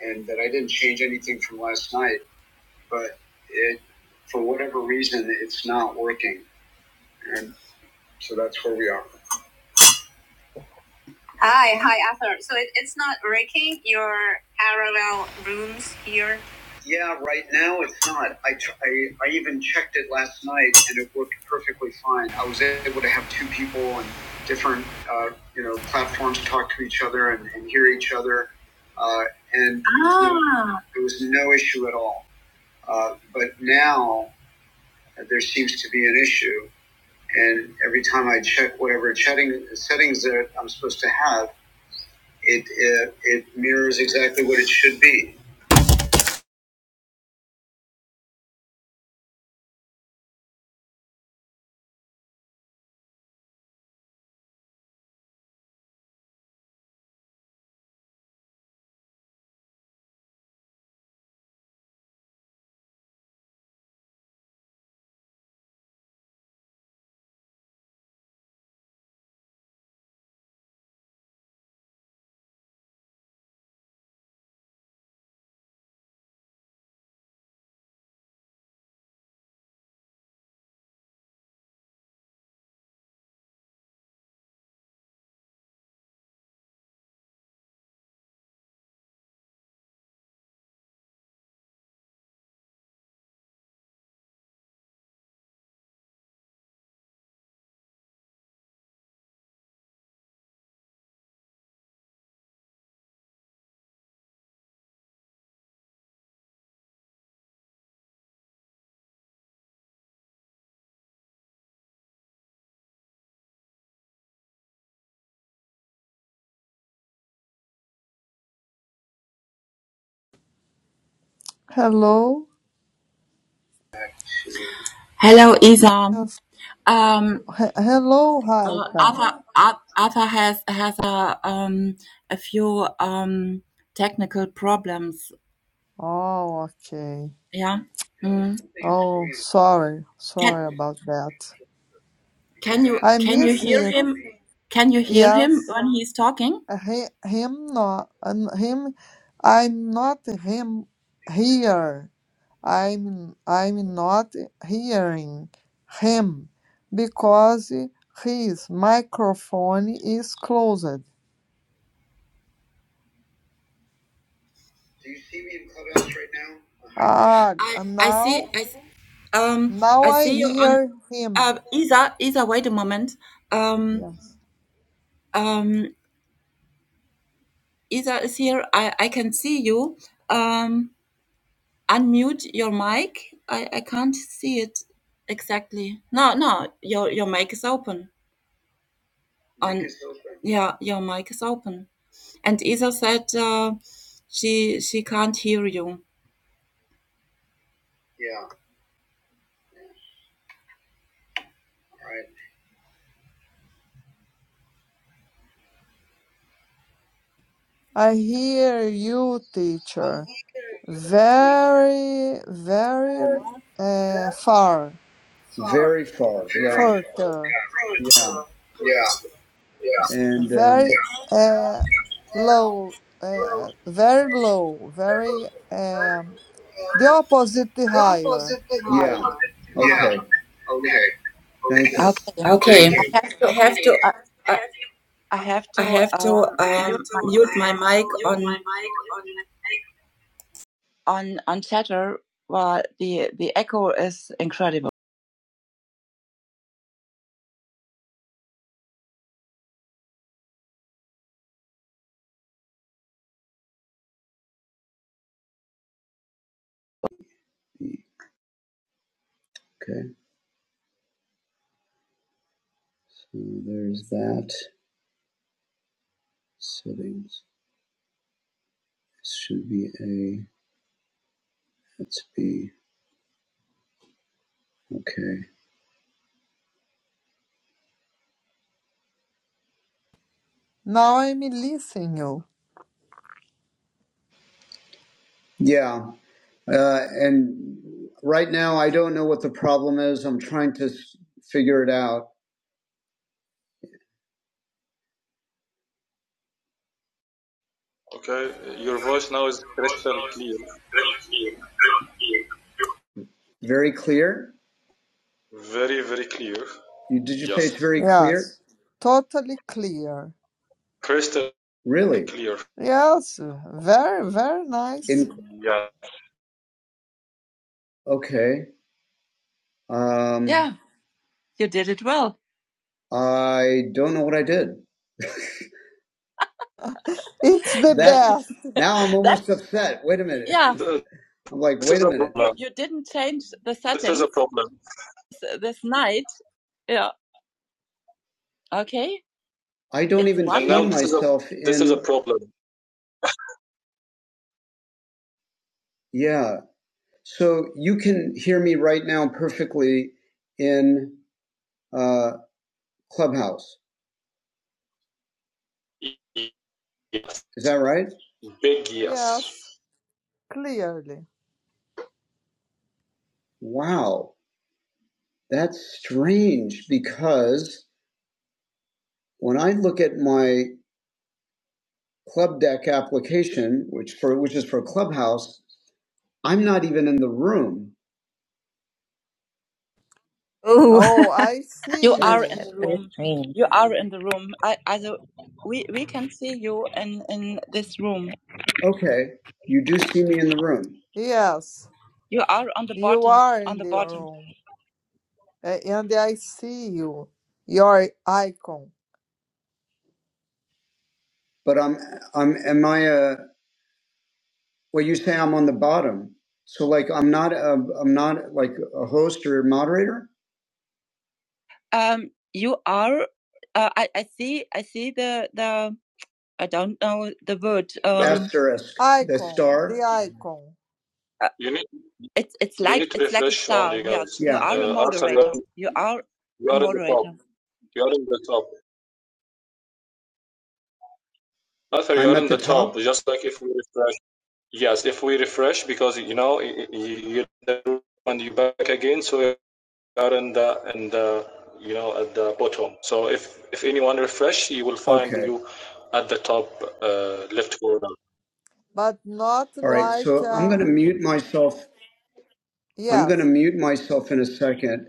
S3: and that I didn't change anything from last night, but it, for whatever reason, it's not working. And so that's where we are. Hi, hi, Arthur. So it, it's not working your parallel rooms here? Yeah, right now it's not. I, tr- I, I even checked it last night and it worked perfectly fine. I was able to have two people on different uh, you know platforms talk to each other and, and hear each other, uh, and Ah. you know, there was no issue at all. Uh, but now uh, there seems to be an issue, and every time I check whatever chatting settings that I'm supposed to have it, uh, it mirrors exactly what it should be.
S6: Hello,
S3: Hello, Izam.
S6: Yes.
S3: Um,
S6: He- hello,
S3: uh,
S6: Raika.
S3: Arthur, Ar- Arthur has has a um a few um technical problems.
S6: Oh, okay.
S3: Yeah. Mm.
S6: Oh, sorry,
S3: Can
S6: sorry about that.
S3: can you
S6: I
S3: can you
S6: miss
S3: hear
S6: it.
S3: him? Can you hear him
S6: Yes,
S3: when he's talking?
S6: he, him not, and him. I'm not him here. I'm I'm not hearing him because his microphone is closed.
S3: Do you see me in Clubhouse right now? Behind you?
S6: Ah,
S3: I I
S6: now
S3: see I see, um
S6: now
S3: I
S6: I
S3: see you on
S6: hear him.
S3: uh Isa Isa wait a moment um
S6: Yes.
S3: um Ida is here. I, I can see you. Um, unmute your mic. I, I can't see it exactly. No, no, your your mic is open. On Mic is open. Yeah, your mic is open. And Isa said uh, she she can't hear you. Yeah, right.
S6: I hear you, teacher, very, very uh, far,
S7: Very far.
S3: Very
S7: Yeah.
S3: short.
S6: further,
S7: Yeah.
S3: Yeah, yeah,
S7: And um,
S6: very uh, low, uh, very low, very um, the opposite higher.
S7: yeah.
S3: yeah, yeah.
S7: Okay.
S3: Okay,
S7: Thank you. Okay.
S3: okay.
S7: I
S3: Okay,
S7: have
S3: I
S7: to
S3: have to.
S7: I,
S3: I,
S7: I have
S3: I
S7: to
S3: have to
S7: um mute
S3: um,
S7: my
S3: mute my mic on.
S7: on on chatter well the the echo is incredible. Okay. So there's that settings. This should be a. Let's be okay.
S6: Now I'm listening you.
S7: Yeah. Uh, and right now, I don't know what the problem is. I'm trying to s- figure it out.
S4: Okay. Your voice now is crystal clear.
S7: Very clear.
S4: Very very clear.
S7: You, did you say
S4: Yes.
S7: it's very clear?
S6: Yes, totally clear.
S4: Crystal
S7: Really?
S4: clear.
S6: Yes, very, very nice.
S7: In
S4: Yeah,
S7: okay. Um, Yeah, you did it well. I don't know what I did.
S6: It's the
S7: That's
S6: best.
S7: now I'm almost That's upset. Wait a minute. yeah.
S4: Th-
S7: I'm like,
S4: this
S7: wait
S4: is
S7: a
S4: a
S7: minute. You
S4: problem.
S7: you didn't change the
S4: This is a
S7: settings
S4: problem,
S7: this night. Yeah. Okay. I don't It's even
S4: and
S7: wonderful. see
S4: now this is a
S7: myself
S4: this is a
S7: in.
S4: problem.
S7: Yeah. So you can hear me right now perfectly in uh, Clubhouse.
S4: Yes,
S7: Is that right?
S4: big yes.
S6: Yes, clearly.
S7: Wow. That's strange because when I look at my club deck application, which for which is for Clubhouse, I'm not even in the room. Oh,
S6: Oh, I
S7: You
S6: see
S7: are That's in
S6: you.
S7: That's the very room. strange. You are in the room. I, also, we we can see you in in this room. okay. You do see me in the room,
S6: Yes.
S7: You are on the
S6: You
S7: bottom.
S6: are
S7: On
S6: in
S7: the
S6: the
S7: bottom.
S6: room, a- and I see you, your icon,
S7: but I'm I'm am I a well? You say I'm on the bottom, so like I'm not a I'm not like a host or a moderator. Um, you are. Uh, I I see. I see the the. I don't know the word. Um,
S4: But
S7: Asterisk, the
S6: icon, the
S7: star.
S6: icon,
S7: uh,
S4: you need
S7: it's it's
S4: you
S7: like
S4: need to
S7: it's like a
S4: refresh
S7: star.
S4: only,
S7: Yes,
S4: guys.
S7: Yeah. you Yeah. are a
S4: Uh, Arthur, you are,
S7: moderator. You are
S4: you
S7: a
S4: are in the top.
S7: moderator.
S4: You are in the top. Arthur, you
S7: I'm
S4: are
S7: at
S4: in
S7: the
S4: the top.
S7: top?
S4: Just like if we refresh. Yes, if we refresh, because you know y- y- you and you back again, so are in the in the you know at the bottom. So if if anyone refresh, you will find
S7: Okay.
S4: you at the top uh, left corner.
S6: but not
S7: All right.
S6: like
S7: So I'm going
S6: a
S7: to mute myself. I'm going to
S6: yes.
S7: mute myself in a second.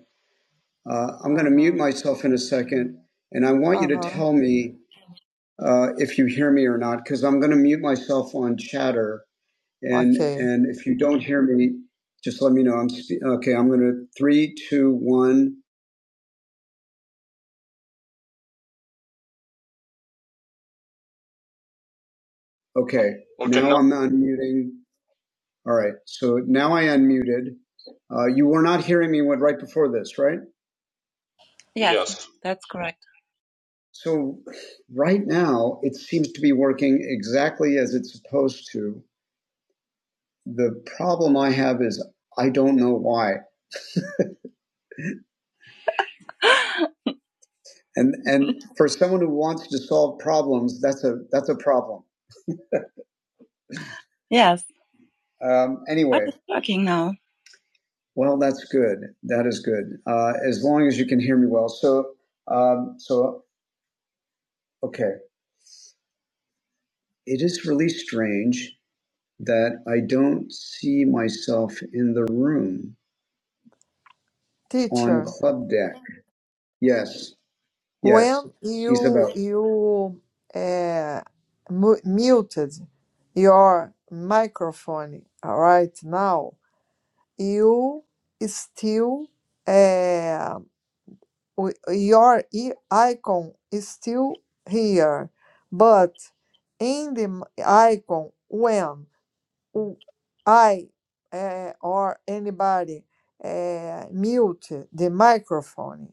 S7: Uh, I'm going
S6: Uh
S7: to mute
S6: huh.
S7: myself in a second. And I want you
S6: Uh
S7: to
S6: huh.
S7: tell me uh, if you hear me or not, because I'm going to mute myself on chatter. And
S6: Okay,
S7: and if you don't hear me, just let me know. I'm spe- okay. I'm gonna three, two, one. Okay,
S4: Okay,
S7: now
S4: now
S7: I'm unmuting. All right, so now I unmuted. Uh, you were not hearing me when, right before this, right? Yes,
S4: yes,
S7: that's correct. So right now it seems to be working exactly as it's supposed to. The problem I have is I don't know why. And and for someone who wants to solve problems, that's a that's a problem. Yes. Um, anyway, I'm talking now. Well, that's good. That is good. Uh, as long as you can hear me well. So, um, so okay. It is really strange that I don't see myself in the room on
S6: teacher.
S7: Club Deck. Yes, yes,
S6: When you
S7: Isabel.
S6: you uh, mu- muted your microphone right now, you still uh, w- your i- icon is still here, but in the m- icon, when w- I eh, or anybody eh, mute the microphone,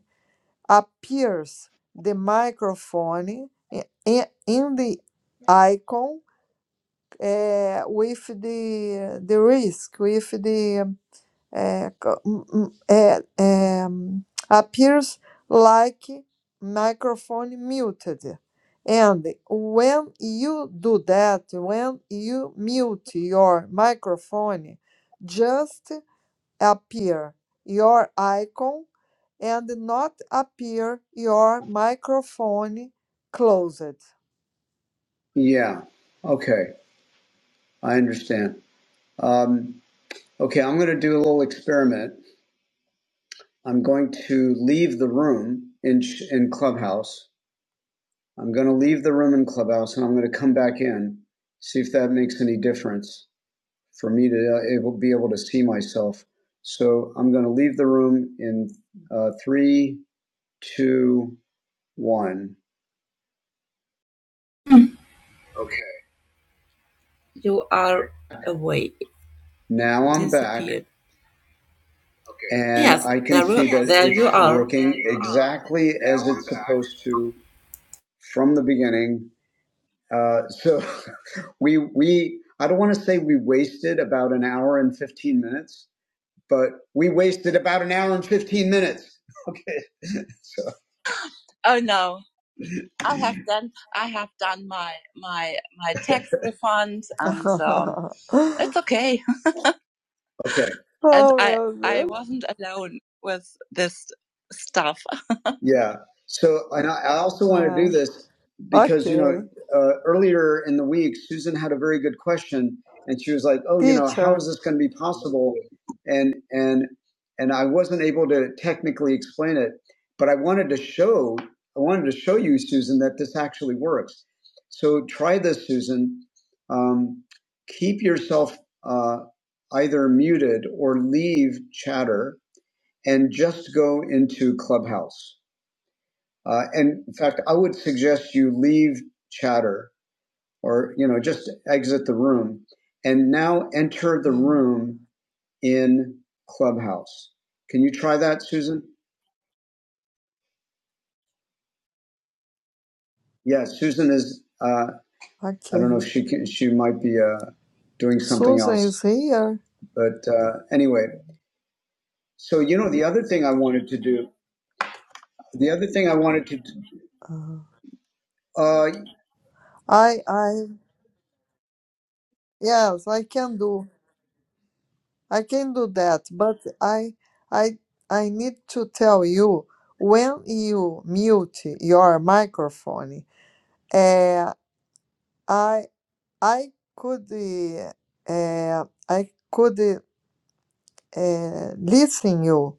S6: appears the microphone i- i- in the icon eh, with the the risk, with the uh, co- m- m- uh, um, appears like microphone muted. And when you do that, when you mute your microphone, just appear your icon and not appear your microphone closed.
S7: Yeah. Okay, I understand. Um, okay, I'm going to do a little experiment. I'm going to leave the room in in Clubhouse I'm going to leave the room in Clubhouse and I'm going to come back in, see if that makes any difference for me to uh, able, be able to see myself. So I'm going to leave the room in uh, three, two, one.
S3: Okay, You are away,
S7: Now I'm back
S3: disappeared. okay.
S7: and
S3: Yes,
S7: I can
S3: there,
S7: see
S3: you-
S7: that
S3: there you
S7: it's
S3: are.
S7: working exactly
S3: Now
S7: as
S3: I'm
S7: it's
S3: back.
S7: supposed to from the beginning. Uh, so we we I don't want to say we wasted about an hour and 15 minutes but we wasted about an hour and 15 minutes. Okay. So, Oh no, I have done I have done my my my tax refund and um,
S6: oh,
S7: it's okay. okay. And I
S6: meu
S7: I
S6: Deus.
S7: wasn't alone with this stuff. Yeah. So, and I, I also want to do
S6: É,
S7: this because, you know,
S6: ok.
S7: uh, earlier in the week, Susan had a very good question and she was like, oh, you know, how
S6: Teacher,
S7: is this going to be possible? And, and, and I wasn't able to technically explain it, but I wanted to show, I wanted to show you, Susan, that this actually works. So try this, Susan. Um, keep yourself uh, either muted or leave chatter and just go into Clubhouse uh, and in fact, I would suggest you leave chatter or, you know, just exit the room and now enter the room in Clubhouse. Can you try that, Susan? Yeah, Susan is, uh,
S6: ok.
S7: I don't know if she can, she might be uh, doing something
S6: Susan is
S7: else.
S6: here.
S7: But uh, anyway, so, you know, the other thing I wanted to do, the other thing I wanted to, do,
S6: Uh,
S7: uh,
S6: I, I, yes, I can do, I can do that. But I, I, I need to tell you when you mute your microphone. Uh, I, I could, uh, uh, I could uh, listen you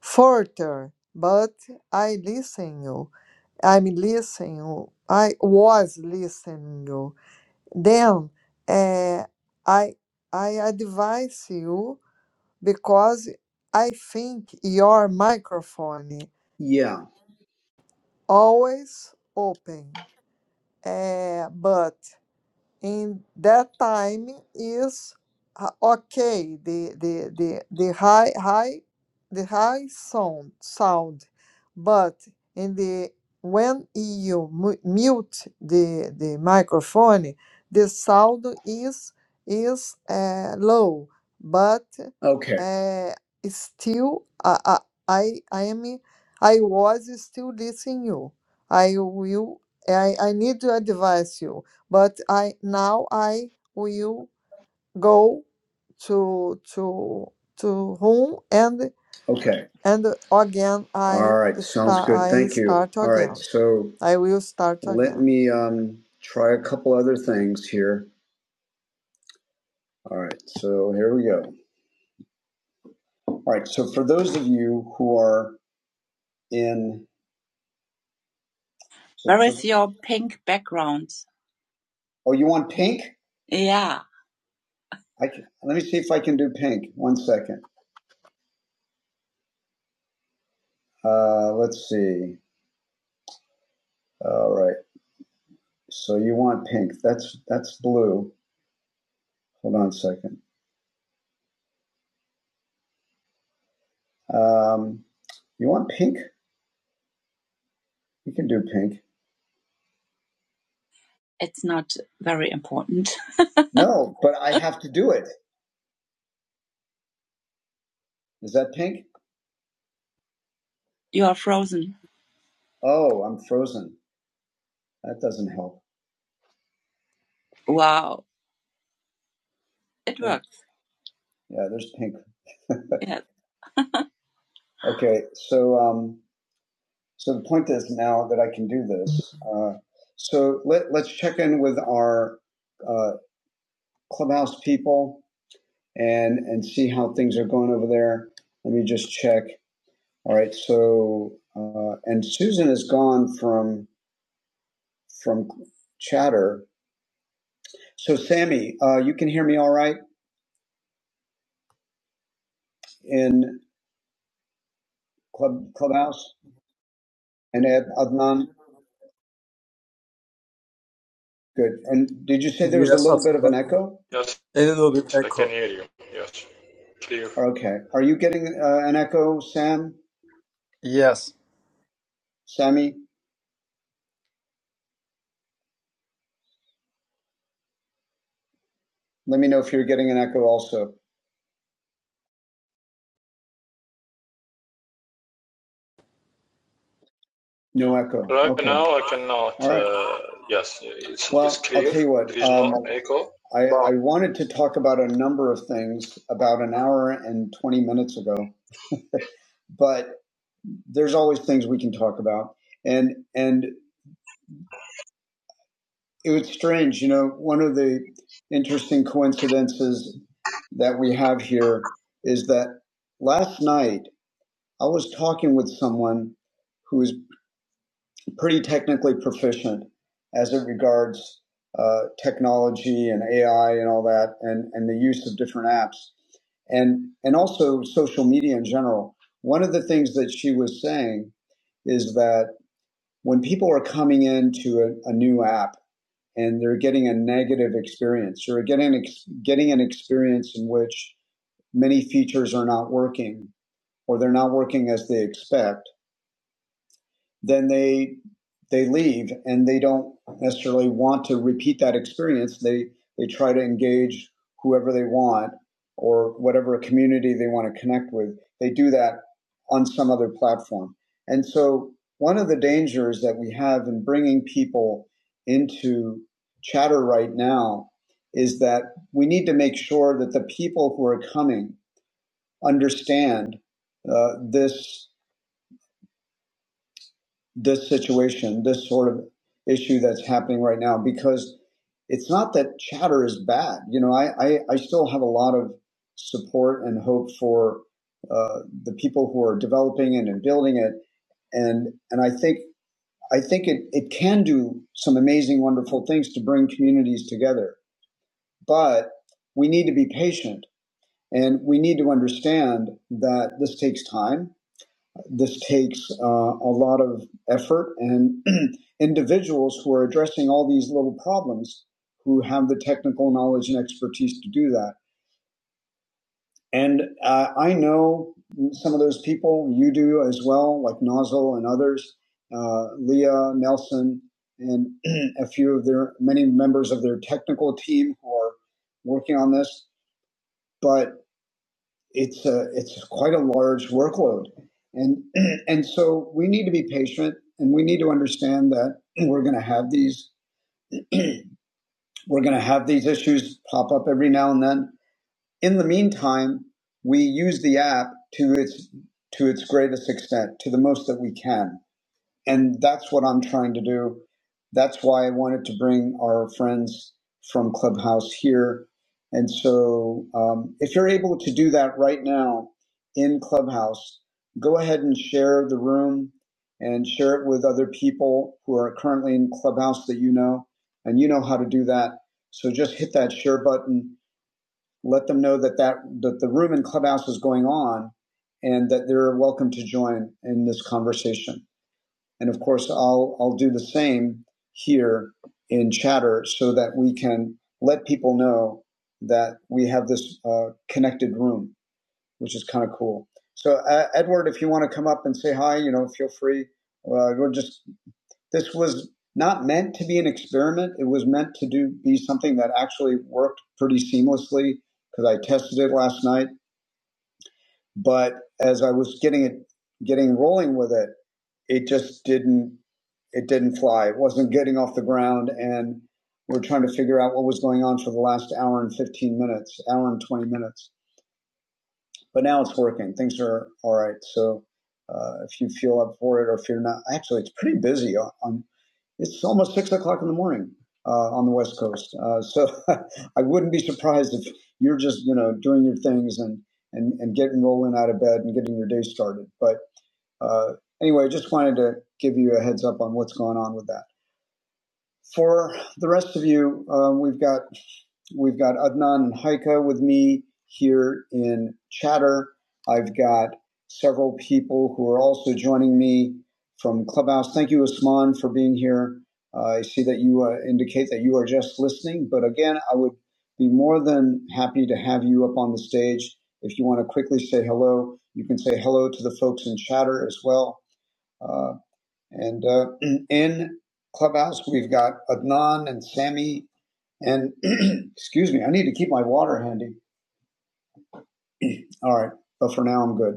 S6: further, but I listen you. I'm listening. you. I was listening you. Then eh, I I advise you because I think your microphone
S7: yeah,
S6: always open. Eh, but in that time is uh, okay the the the, the high high the high sound sound but in the when you mu- mute the the microphone the sound is is uh, low but
S7: okay,
S6: uh, still uh, uh, I I am I was still listening you I will I, I need to advise you but I now I will go to to to whom and
S7: okay.
S6: and again
S7: All
S6: I
S7: right, sounds
S6: start
S7: good.
S6: I
S7: Thank you.
S6: start
S7: All right,
S6: again.
S7: so.
S6: I will start
S7: Let
S6: again.
S7: me um, try a couple other things here. All right, so here we go. All right, so for those of you who are in, Where is your pink background? oh, you want pink? Yeah. I can, let me see if I can do pink. One second. Uh, let's see. All right. So you want pink? That's that's blue. Hold on a second. Um, you want pink? You can do pink. It's not very important. No, but I have to do it. Is that pink? You are frozen. Oh, I'm frozen. That doesn't help. Wow. It works. Yeah, there's pink. Yeah. Okay, so um, so the point is now that I can do this. Uh, so let let's check in with our uh, clubhouse people and and see how things are going over there. Let me just check. All right, so uh, and Susan is gone from from chatter. So Sammy, uh, you can hear me all right in club clubhouse. And Ad- Adnan, good. And did you say there was a
S1: yes,
S7: little bit
S1: also,
S7: of an
S1: but
S7: echo?
S4: yes,
S1: a little bit
S4: I can
S1: echo.
S4: hear you. Yes, clear.
S7: Okay. Are you getting uh, an echo, Sam?
S1: Yes.
S7: Sammy, let me know if you're getting an echo also. No echo.
S4: Right
S7: Okay.
S4: now, I
S7: All
S4: cannot.
S7: right.
S4: Uh, yes, it's, it's
S7: Well, I'll
S4: clear.
S7: tell you what.
S4: There is no an
S7: Um,
S4: echo.
S7: I,
S4: But
S7: I wanted to talk about a number of things about an hour and 20 minutes ago, but there's always things we can talk about. And, and it was strange. You know, one of the interesting coincidences that we have here is that last night I was talking with someone who is pretty technically proficient as it regards uh, technology and AI and all that, and, and the use of different apps and and also social media in general. One of the things that she was saying is that when people are coming into a, a new app and they're getting a negative experience. They're getting an, ex- getting an experience in which many features are not working or they're not working as they expect then they they leave and they don't necessarily want to repeat that experience. They they try to engage whoever they want or whatever community they want to connect with. They do that on some other platform. And so one of the dangers that we have in bringing people into chatter right now is that we need to make sure that the people who are coming understand uh, this this situation, this sort of issue that's happening right now, because it's not that chatter is bad. You know, I, I, I still have a lot of support and hope for uh, the people who are developing it and building it. And, and I think, I think it, it can do some amazing, wonderful things to bring communities together. But we need to be patient and we need to understand that this takes time this takes uh, a lot of effort and individuals who are addressing all these little problems who have the technical knowledge and expertise to do that. And uh, I know some of those people, you do as well, like Nozzle and others, uh, Leah, Nelson, and a few of their many members of their technical team who are working on this. But it's a, it's quite a large workload, and and so we need to be patient, and we need to understand that we're going to have these we're going to have these issues pop up every now and then. In the meantime, we use the app to its to its greatest extent, to the most that we can and that's what I'm trying to do. That's why I wanted to bring our friends from Clubhouse here. And so, um, if you're able to do that right now in Clubhouse, go ahead and share the room and share it with other people who are currently in Clubhouse that you know, and you know how to do that. So just hit that share button. Let them know that that, that the room in Clubhouse is going on, and that they're welcome to join in this conversation. And of course, I'll, I'll do the same here in chatter so that we can let people know that we have this uh, connected room, which is kind of cool. So, uh, Edward, if you want to come up and say hi, you know, feel free. Uh, we're just this was not meant to be an experiment. It was meant to do be something that actually worked pretty seamlessly because I tested it last night. But as I was getting it, getting rolling with it, it just didn't it didn't fly. It wasn't getting off the ground, and we're trying to figure out what was going on for the last hour and fifteen minutes, hour and twenty minutes. But now it's working. Things are all right. So uh, if you feel up for it, or if you're not, actually, it's pretty busy. On, on it's almost six o'clock in the morning uh, on the West Coast. Uh, so I wouldn't be surprised if you're just you know doing your things and and and getting rolling out of bed and getting your day started. But uh, anyway, just wanted to give you a heads up on what's going on with that. For the rest of you, um, we've got we've got Adnan and Haika with me here in Chatter. I've got several people who are also joining me from Clubhouse. Thank you, Usman, for being here. Uh, I see that you uh, indicate that you are just listening, but again, I would be more than happy to have you up on the stage. If you want to quickly say hello, you can say hello to the folks in Chatter as well uh, and uh, in Clubhouse, we've got Adnan and Sammy. And excuse me, I need to keep my water handy. All right, but for now, I'm good.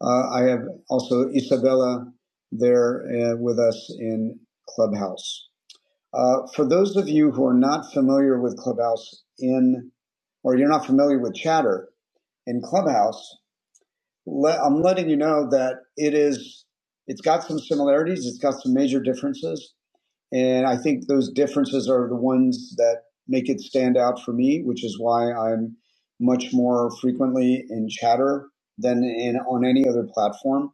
S7: Uh, I have also Isabella there uh, with us in Clubhouse. Uh, for those of you who are not familiar with Clubhouse in, or you're not familiar with Chatter in Clubhouse, le- I'm letting you know that it is, it's got some similarities, it's got some major differences And I think those differences are the ones that make it stand out for me, which is why I'm much more frequently in chatter than in on any other platform.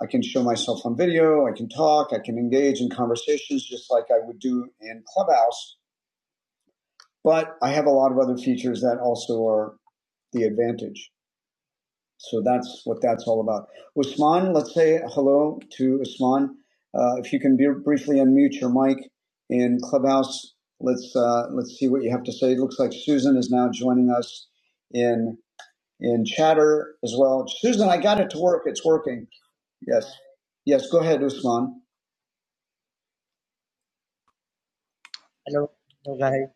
S7: I can show myself on video, I can talk, I can engage in conversations just like I would do in Clubhouse, but I have a lot of other features that also are the advantage. So that's what that's all about. Usman, let's say hello to Usman. Uh, if you can be, briefly unmute your mic in Clubhouse, let's uh, let's see what you have to say. It looks like Susan is now joining us in in chatter as well. Susan, I got it to work. It's working. Yes, yes. Go ahead, Usman.
S8: Hello, hello guys.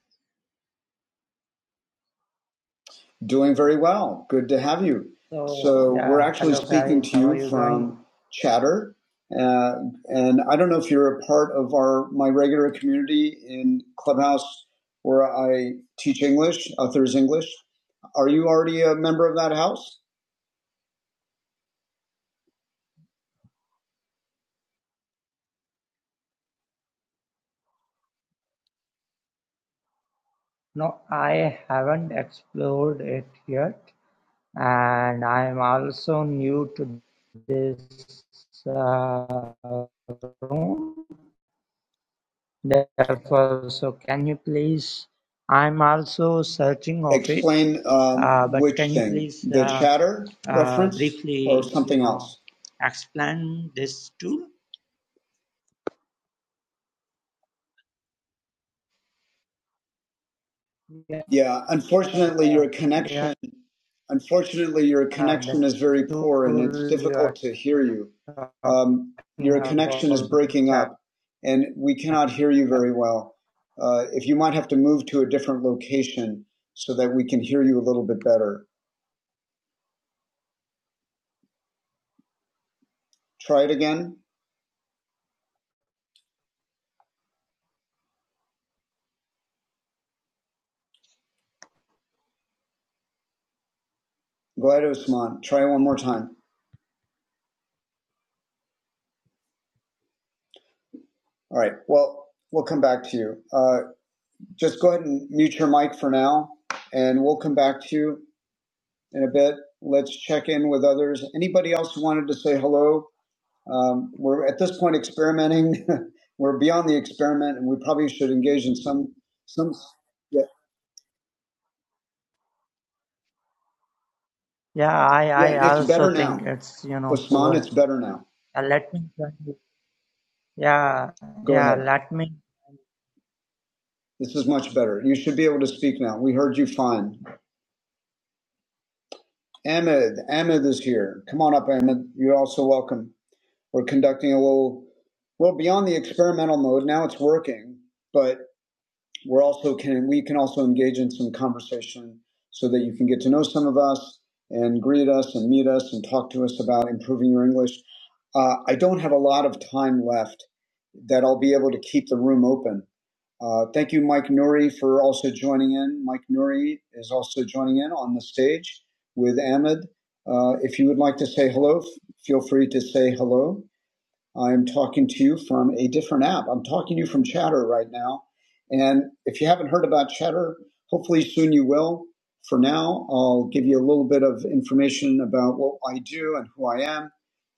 S7: Doing very well. Good to have you.
S8: So
S7: So we're
S8: yeah,
S7: actually
S8: hello
S7: speaking
S8: guys.
S7: to
S8: How are
S7: you
S8: you doing?
S7: from Chatter, uh, and I don't know if you're a part of our my regular community in Clubhouse where I teach English, authors English. Are you already a member of that house?
S8: No, I haven't explored it yet, and I'm also new to this uh, room. Therefore, so can you please? I'm also searching of it,
S7: Explain um,
S8: uh, but
S7: which
S8: can you
S7: thing,
S8: please
S7: the
S8: uh,
S7: Chatter
S8: uh,
S7: reference or
S8: briefly, you
S7: something
S8: know,
S7: else.
S8: explain this too? Yeah,
S7: Yeah, unfortunately, your connection.
S8: yeah,
S7: Unfortunately, your
S8: uh, the
S7: connection is very poor and it's
S8: tool you
S7: difficult
S8: are
S7: to hear you.
S8: talking
S7: Um, your connection is
S8: about
S7: breaking up and we cannot hear you
S8: Jakarta.
S7: very well. Uh, if you might have to move to a different location so that we can hear you a little bit better. Try it again. Go ahead, Osman. Try one more time. All right. Well, we'll come back to you. Uh, just go ahead and mute your mic for now and we'll come back to you in a bit. Let's check in with others. Anybody else who wanted to say hello Um, we're at this point experimenting. we're beyond the experiment, and we probably should engage in some some. Yeah,
S8: Yeah, I,
S7: yeah.
S8: I
S7: It's
S8: also
S7: better
S8: think
S7: now,
S8: it's, you know,
S7: Osman.
S8: poor.
S7: It's better now.
S8: Uh, let me, tell you. yeah,
S7: Go
S8: yeah,
S7: ahead.
S8: let me.
S7: This is much better. You should be able to speak now. We heard you fine. Ahmed, Ahmed is here. Come on up, Ahmed. You're also welcome. We're conducting a little. Well, beyond the experimental mode, now it's working. But we're also can we can also engage in some conversation so that you can get to know some of us and greet us and meet us and talk to us about improving your English. Uh, I don't have a lot of time left that I'll be able to keep the room open. Uh, thank you, Mike Nuri, for also joining in. Mike Nuri is also joining in on the stage with Ahmed. Uh, if you would like to say hello, f- feel free to say hello. I'm talking to you from a different app. I'm talking to you from Chatter right now. And if you haven't heard about Chatter, hopefully soon you will. For now, I'll give you a little bit of information about what I do and who I am.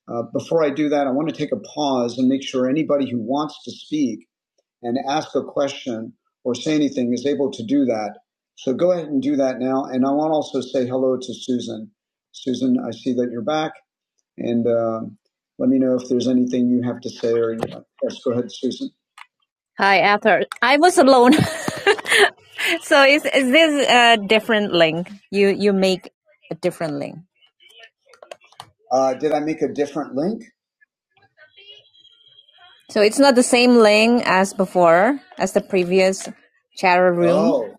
S7: Uh, before I do that, I want to take a pause and make sure anybody who wants to speak and ask a question or say anything is able to do that. So go ahead and do that now. And I want to also say hello to Susan. Susan, I see that you're back. And um, let me know if there's anything you have to say or anything. Yes, go ahead, Susan. Hi, Arthur. I was alone. so is, is this a different link? You you make a different link. Uh, did I make a different link? So it's not the same link as before, as the previous chatter room. Oh,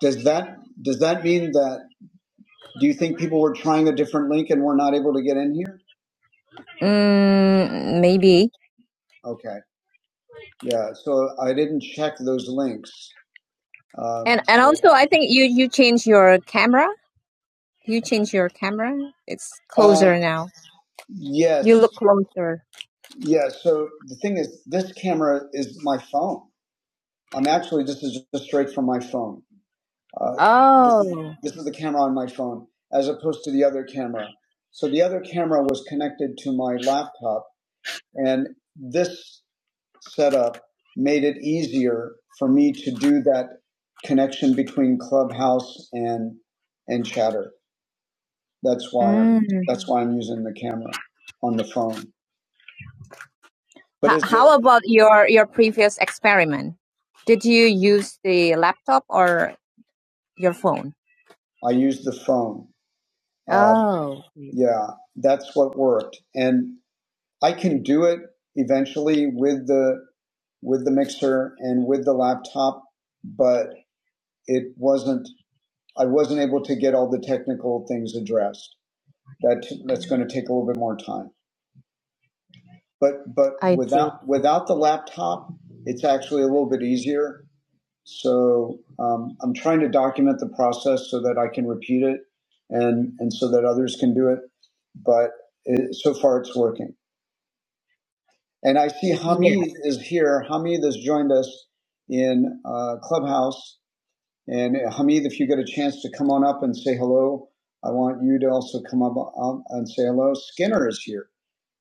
S7: does that does that mean that? Do you think people were trying a different link and were not able to get in here? Mm, maybe. Okay. Yeah, so I didn't check those links. Um, And and so, also, I think you you change your camera. You change your camera. It's uh, closer uh, now. Yes. You yes, look closer. yeah. So the thing is, this camera is my phone. I'm actually this is just straight from my phone. Uh, oh. this is Oh, this is the camera on my phone, as opposed to the other camera. So the other camera was connected to my laptop, and this. setup made it easier for me to do that connection between Clubhouse and and Chatter. That's why mm. I'm, Mm. that's why I'm using the camera on the phone. But H- it's- how it, about your your previous experiment? Did you use the laptop or your phone? I used the phone. Uh, Oh. uh, yeah, that's what worked, and I can do it eventually with the with the mixer and with the laptop, but. it wasn't I wasn't able to get all the technical things addressed. That that's going to take a little bit more time. But but I without see. without the laptop, it's actually a little bit easier. So um, I'm trying to document the process so that I can repeat it and and so that others can do it. But it, so far, it's working. And I see Hamid is here. Hamid has joined us in uh, Clubhouse, And uh, Hamid, if you get a chance to come on up and say hello, I want you to also come up um, and say hello. Skinner is here.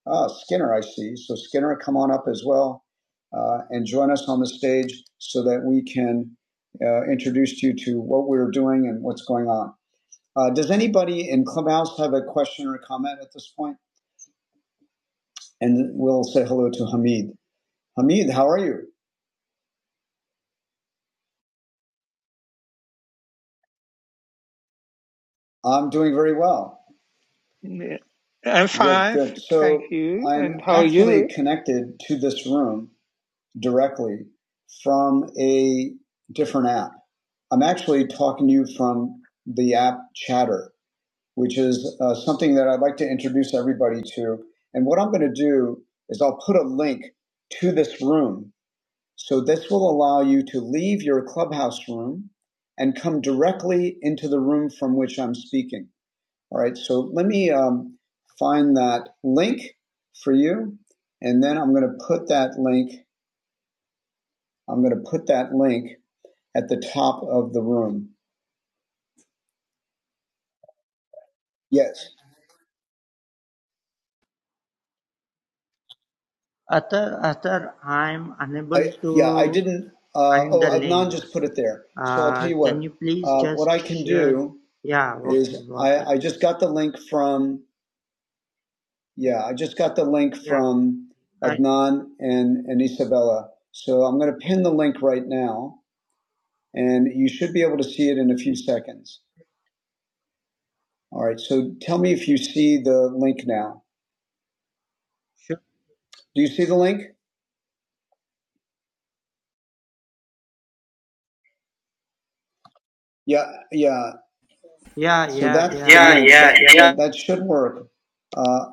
S7: Ah, Skinner, I see. So Skinner, come on up as well uh, and join us on the stage so that we can uh, introduce you to what we're doing and what's going on. Uh, does anybody in Clubhouse have a question or comment at this point? And we'll say hello to Hamid. Hamid, how are you? I'm doing very well.
S9: Yeah. I'm
S7: Good,
S9: fine,
S7: good.
S9: thank
S7: So
S9: you.
S7: I'm
S9: And how are
S7: actually
S9: you?
S7: connected to this room directly from a different app. I'm actually talking to you from the app Chatter, which is uh, something that I'd like to introduce everybody to. And what I'm going to do is I'll put a link to this room. So this will allow you to leave your clubhouse room and come directly into the room from which I'm speaking. All right. So let me um, find that link for you. And then I'm going to put that link I'm going to put that link at the top of the room. Yes.
S8: Other, other, I'm unable
S7: I yeah. I
S8: to
S7: didn't. Uh,
S8: find the
S7: oh, Adnan
S8: link.
S7: just put it there. So I'll tell
S8: Uh,
S7: you
S8: can
S7: what.
S8: you please
S7: Uh,
S8: just
S7: what I can
S8: share?
S7: do
S8: Yeah, okay,
S7: is
S8: got
S7: I,
S8: it.
S7: I just got the link from yeah. I just got the link
S8: Yeah,
S7: from
S8: I
S7: Adnan and and Isabella. So I'm going to pin the link right now, and you should be able to see it in a few seconds. All right. So tell me if you see the link now.
S8: sure.
S7: Do you see the link? Yeah, yeah.
S8: Yeah,
S7: So
S8: yeah,
S7: that's
S8: yeah,
S7: the
S3: Yeah,
S8: I
S7: link
S8: can. Sure,
S7: that
S3: yeah, yeah.
S7: well, that should work. Uh,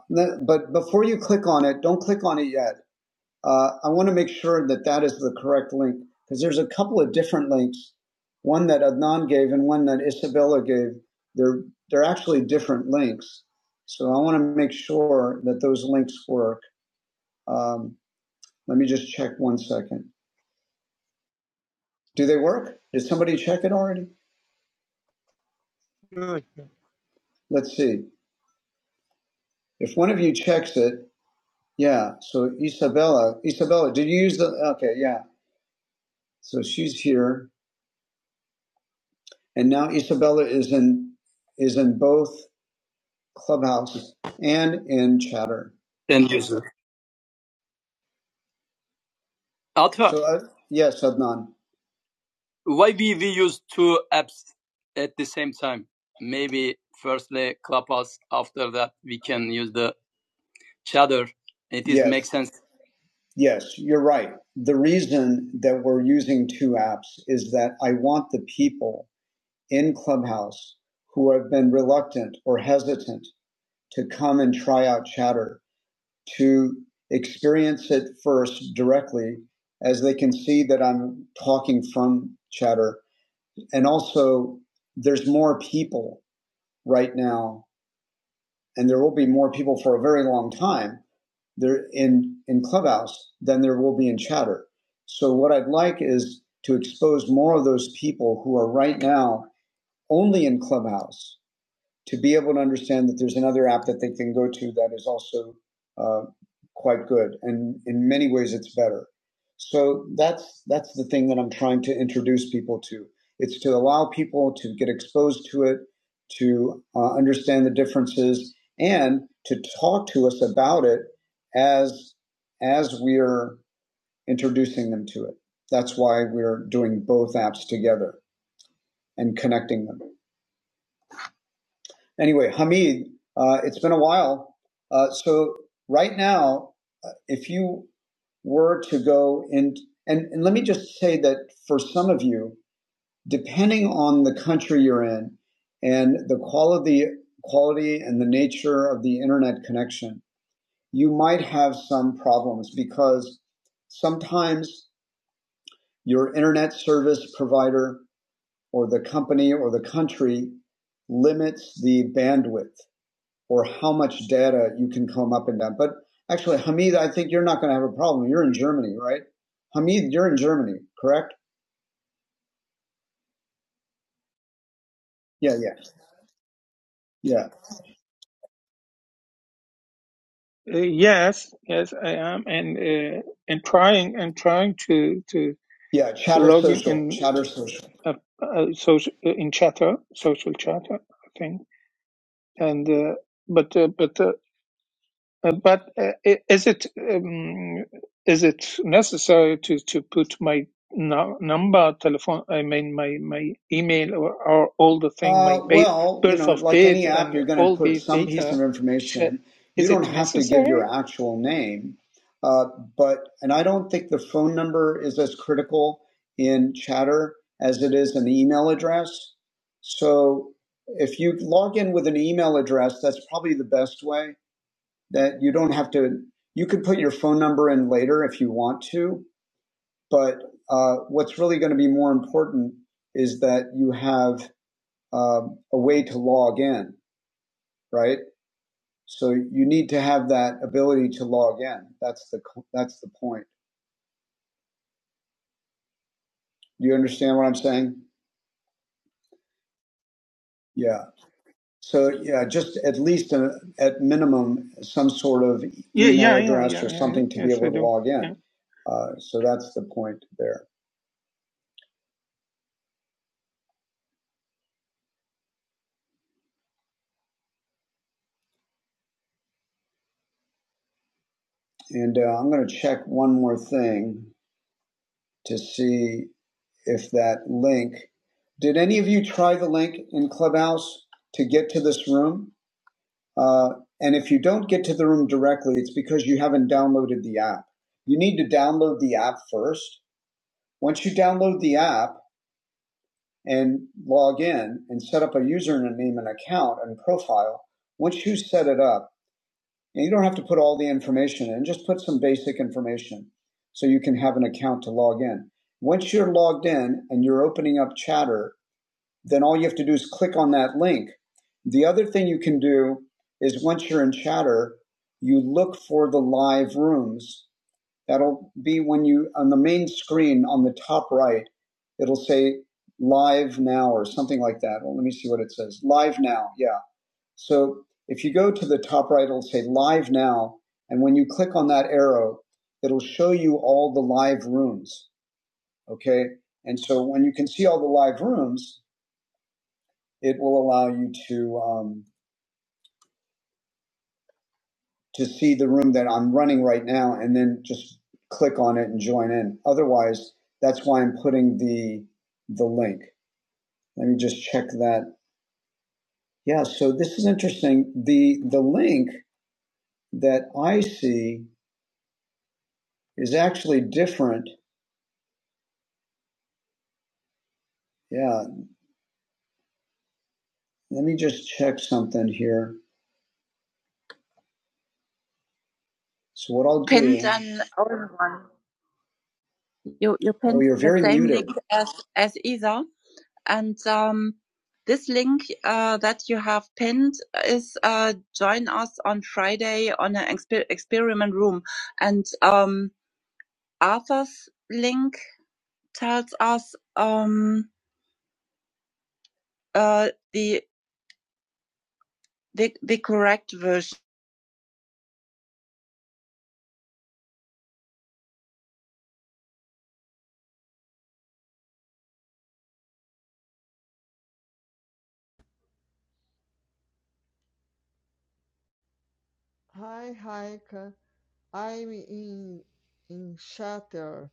S7: but before you click on it, don't click on it yet. Uh, I want to make sure that that is the correct link because there's a couple of different links, one that Adnan gave and one that Isabella gave. They're they're actually different links, so I want to make sure that those links work. Um, let me just check one second. Do they work? Did somebody check it already?
S8: sure.
S7: Let's see. If one of you checks it, Yeah. So Isabella, Isabella, did you use the? Okay. Yeah. So she's here, and now Isabella is in is in both Clubhouse and in Chatter. So, uh, yes, Adnan. Yes, you're right. The reason that we're using two apps is that I want the people in Clubhouse who have been reluctant or hesitant to come and try out Chatter to experience it first directly as they can see that I'm talking from chatter. And also, there's more people right now, and there will be more people for a very long time there in, in Clubhouse than there will be in chatter. So, what I'd like is to expose more of those people who are right now only in Clubhouse to be able to understand that there's another app that they can go to that is also uh, quite good, and in many ways it's better. So that's that's the thing that I'm trying to introduce people to. It's to allow people to get exposed to it, to uh, understand the differences, and to talk to us about it as as we're introducing them to it. That's why we're doing both apps together and connecting them. Anyway, Hamid, uh, it's been a while. Uh, so right now, uh, if you were to go and, and and let me just say that for some of you, depending on the country you're in and the quality quality and the nature of the internet connection, you might have some problems because sometimes your internet service provider or the company or the country limits the bandwidth or how much data you can come up and down. But actually, Hamid, I think you're not going to have a problem. You're in Germany, right? Hamid, you're in Germany, correct? Yeah, yeah, yeah,
S9: Uh, yes, yes, I am. And uh, and trying and trying to to
S7: yeah. Chatter
S9: log in
S7: social,
S9: in
S7: chatter social.
S9: uh, uh, social in chatter, social chatter, I think. And uh, but uh, but uh, Uh, But uh, i- is it um, is it necessary to to put my nu- number, telephone, I mean my my email or, or all the thing, my
S7: Uh,
S9: ba
S7: well, you
S9: birth
S7: know,
S9: of
S7: like
S9: birth
S7: any app,
S9: and
S7: you're going to
S9: all
S7: put
S9: these
S7: some piece
S9: data?
S7: of
S9: Sh-
S7: information.
S9: Is
S7: You don't
S9: it
S7: have to give
S9: necessary?
S7: your actual name, uh, but and I don't think the phone number is as critical in Chatter as it is an email address. So if you log in with an email address, that's probably the best way. That you don't have to. You could put your phone number in later if you want to, but uh, what's really going to be more important is that you have um, a way to log in, right? So you need to have that ability to log in. That's the that's the point. Do you understand what I'm saying? Yeah. So yeah, just at least a, at minimum some sort of
S9: Yeah, yeah,
S7: email
S9: yeah,
S7: address
S9: yeah,
S7: or
S9: yeah. yeah.
S7: something to be
S9: Yes, I
S7: able to
S9: do.
S7: log in.
S9: Yeah,
S7: Uh, so that's the point there. And uh, I'm going to check one more thing to see if that link. Did any of you try the link in Clubhouse to get to this room? Uh, and if you don't get to the room directly, it's because you haven't downloaded the app. You need to download the app first. Once you download the app and log in and set up a username and account and profile, once you set it up, and you don't have to put all the information in, just put some basic information so you can have an account to log in. Once you're logged in and you're opening up chatter then all you have to do is click on that link. The other thing you can do is once you're in chatter, you look for the live rooms. That'll be when you, on the main screen on the top right, it'll say live now or something like that. Well, let me see what it says. Live now. Yeah. So if you go to the top right, it'll say live now. And when you click on that arrow, it'll show you all the live rooms. Okay. And so when you can see all the live rooms, it will allow you to um, to see the room that I'm running right now, and then just click on it and join in. Otherwise, that's why I'm putting the the link. Let me just check that. Yeah, so this is interesting. the The link that I see is actually different. Yeah, let me just check something here. So what I'll do? Pins and old one. You you pin oh, you're the very same muted. link as as either. and um, this link uh, that you have pinned is uh, join us on Friday on an exper- experiment room. And um, Arthur's link tells us um, uh, the, the the correct version.
S6: Hi, Raika. I'm in in shatter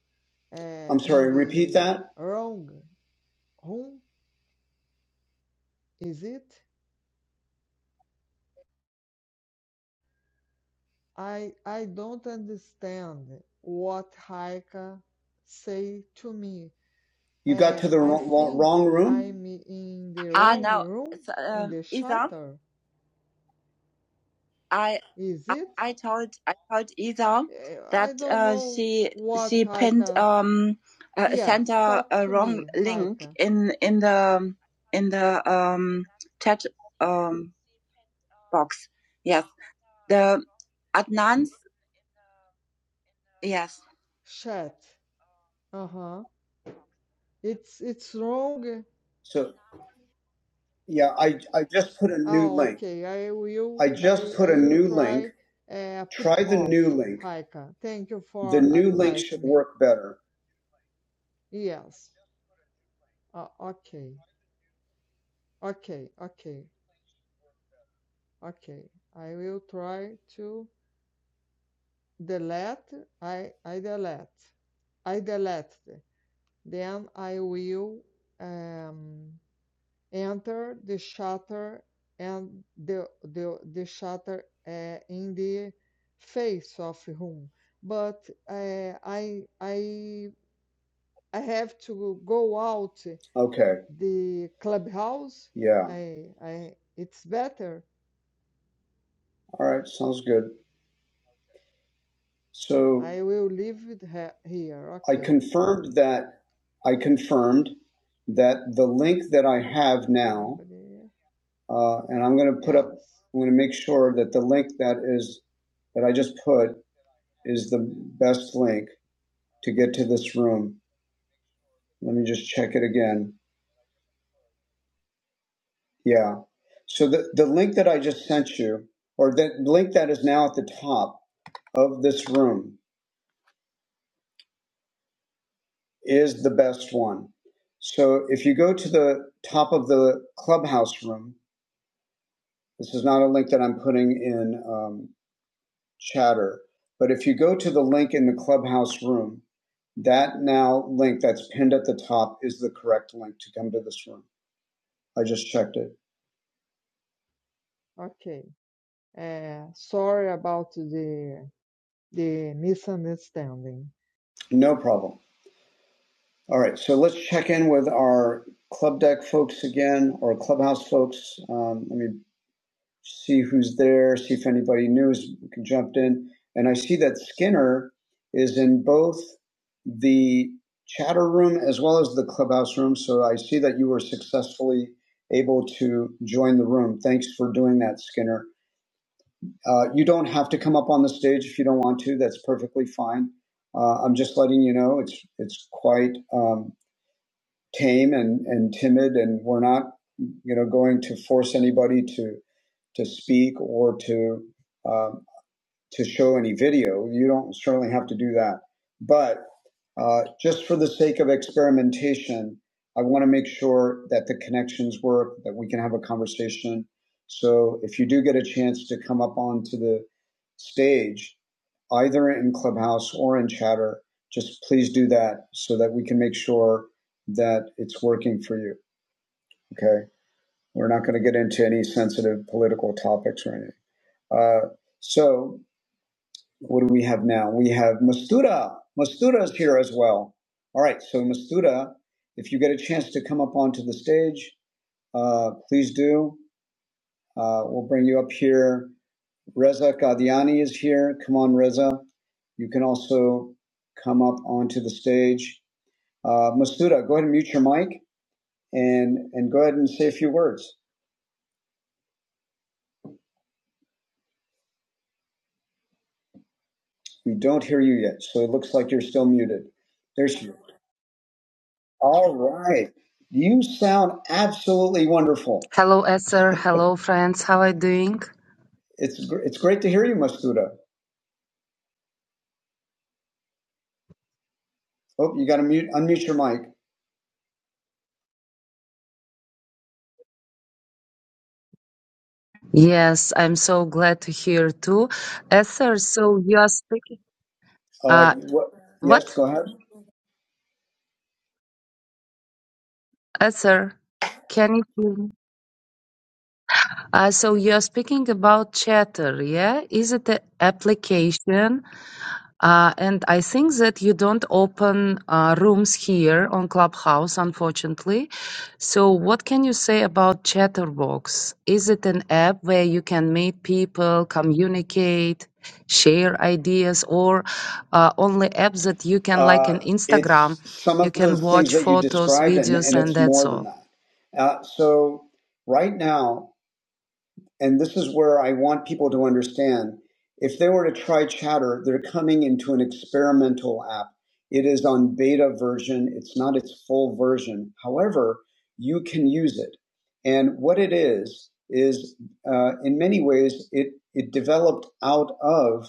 S6: uh,
S7: I'm
S6: in
S7: sorry. Repeat
S6: the
S7: that.
S6: wrong room, is it? I I don't understand what Haika say to me.
S7: You got
S6: Uh,
S7: to the
S6: I
S7: wrong,
S6: think
S7: wrong room.
S6: I'm in the
S7: Ah,
S6: wrong
S7: now
S6: room
S7: it's
S6: in
S7: um
S6: the
S7: Isa.
S6: shatter,
S7: I
S6: is
S7: I
S6: it?
S7: I told I told Ida
S6: Eh, I
S7: that
S6: don't
S7: uh,
S6: know
S7: she
S6: what
S7: she pinned
S6: Haika.
S7: um uh,
S6: Yes,
S7: sent a,
S6: talk
S7: a
S6: to
S7: wrong
S6: me,
S7: link
S6: Haika.
S7: in in the in the um chat um box. Yes, the Adnan's yes.
S6: Chat. Uh huh. It's it's wrong.
S7: So yeah, I, I just put a new
S6: Oh,
S7: link.
S6: okay. I will
S7: I
S6: I
S7: just put
S6: I
S7: a
S6: will
S7: new link.
S6: try uh, put
S7: Try the new
S6: off,
S7: link.
S6: Raika. Thank you
S7: The
S6: for
S7: new link
S6: advise
S7: should
S6: me.
S7: work better.
S6: Yes. Uh, okay. Okay. Okay. Okay. I will try to delete. I I delete. I delete. Then I will um enter the shutter and the the, the shutter uh, in the face of room but uh, i i i have to go out
S7: Okay.
S6: the clubhouse
S7: Yeah.
S6: i i it's better
S7: All right. Sounds good. So
S6: i will leave it here
S7: I
S6: okay
S7: confirmed that I confirmed that the link that I have now,
S6: Abrir.
S7: uh, and I'm going to put up,
S6: yes
S7: I'm going to make sure that the link that is that I just put is the best link to get to this room. Let me just check it again. Yeah. So the, the link that I just sent you, or the link that is now at the top of this room, is the best one. So if you go to the top of the clubhouse room, This is not a link that I'm putting in um, chatter, but if you go to the link in the clubhouse room, that now link that's pinned at the top is the correct link to come to this room. I just checked it. No problem. All right, so let's check in with our club deck folks again, or clubhouse folks. Um, let me see who's there, see if anybody new has jumped in. And I see that Skinner is in both the chatter room as well as the clubhouse room. So I see that you were successfully able to join the room. Thanks for doing that, Skinner. Uh, you don't have to come up on the stage if you don't want to. That's perfectly fine. Uh, I'm just letting you know it's it's quite. Um, tame and, and timid, and we're not, you know, going to force anybody to to speak or to uh, to show any video. You don't certainly have to do that. But uh, just for the sake of experimentation, I want to make sure that the connections work, that we can have a conversation. So if you do get a chance to come up onto the stage, either in Clubhouse or in Chatter, just please do that so that we can make sure that it's working for you. Okay. We're not going to get into any sensitive political topics or anything. Uh, so what do we have now? We have Mastuda. Mastuda is here as well. All right, so Mastuda, if you get a chance to come up onto the stage, uh, please do. Uh, we'll bring you up here. Reza Qadiani is here. Come on, Reza. You can also come up onto the stage. Uh, Mastuda, go ahead and mute your mic and, and go ahead and say a few words. We don't hear you yet, so it looks like you're still muted. There's you. All right. You sound absolutely wonderful.
S10: Hello, Esther. Hello, friends. How are you doing?
S7: It's it's great to hear you, Mastuda. Oh, you got to mute unmute your mic.
S10: Yes, I'm so glad to hear too. Esther, so you are speaking.
S7: Uh,
S10: Uh,
S7: what, yes,
S10: what?
S7: go ahead.
S10: Esther, can you hear me? Uh, so you are speaking about Chatter, yeah? Is it an application? Uh, and I think that you don't open uh, rooms here on Clubhouse, unfortunately. So, what can you say about Chatterbox? Is it an app where you can meet people, communicate, share ideas, or uh, only apps that you can, like
S7: Uh,
S10: an Instagram,
S7: it's some
S10: you
S7: of
S10: can
S7: those things
S10: watch
S7: that you
S10: photos,
S7: described, and and
S10: videos, and
S7: it's
S10: that's
S7: more than
S10: all?
S7: that. Uh, so right now, And this is where I want people to understand. If they were to try Chatter, they're coming into an experimental app. It is on beta version. It's not its full version. However, you can use it. And what it is, is uh, in many ways, it, it developed out of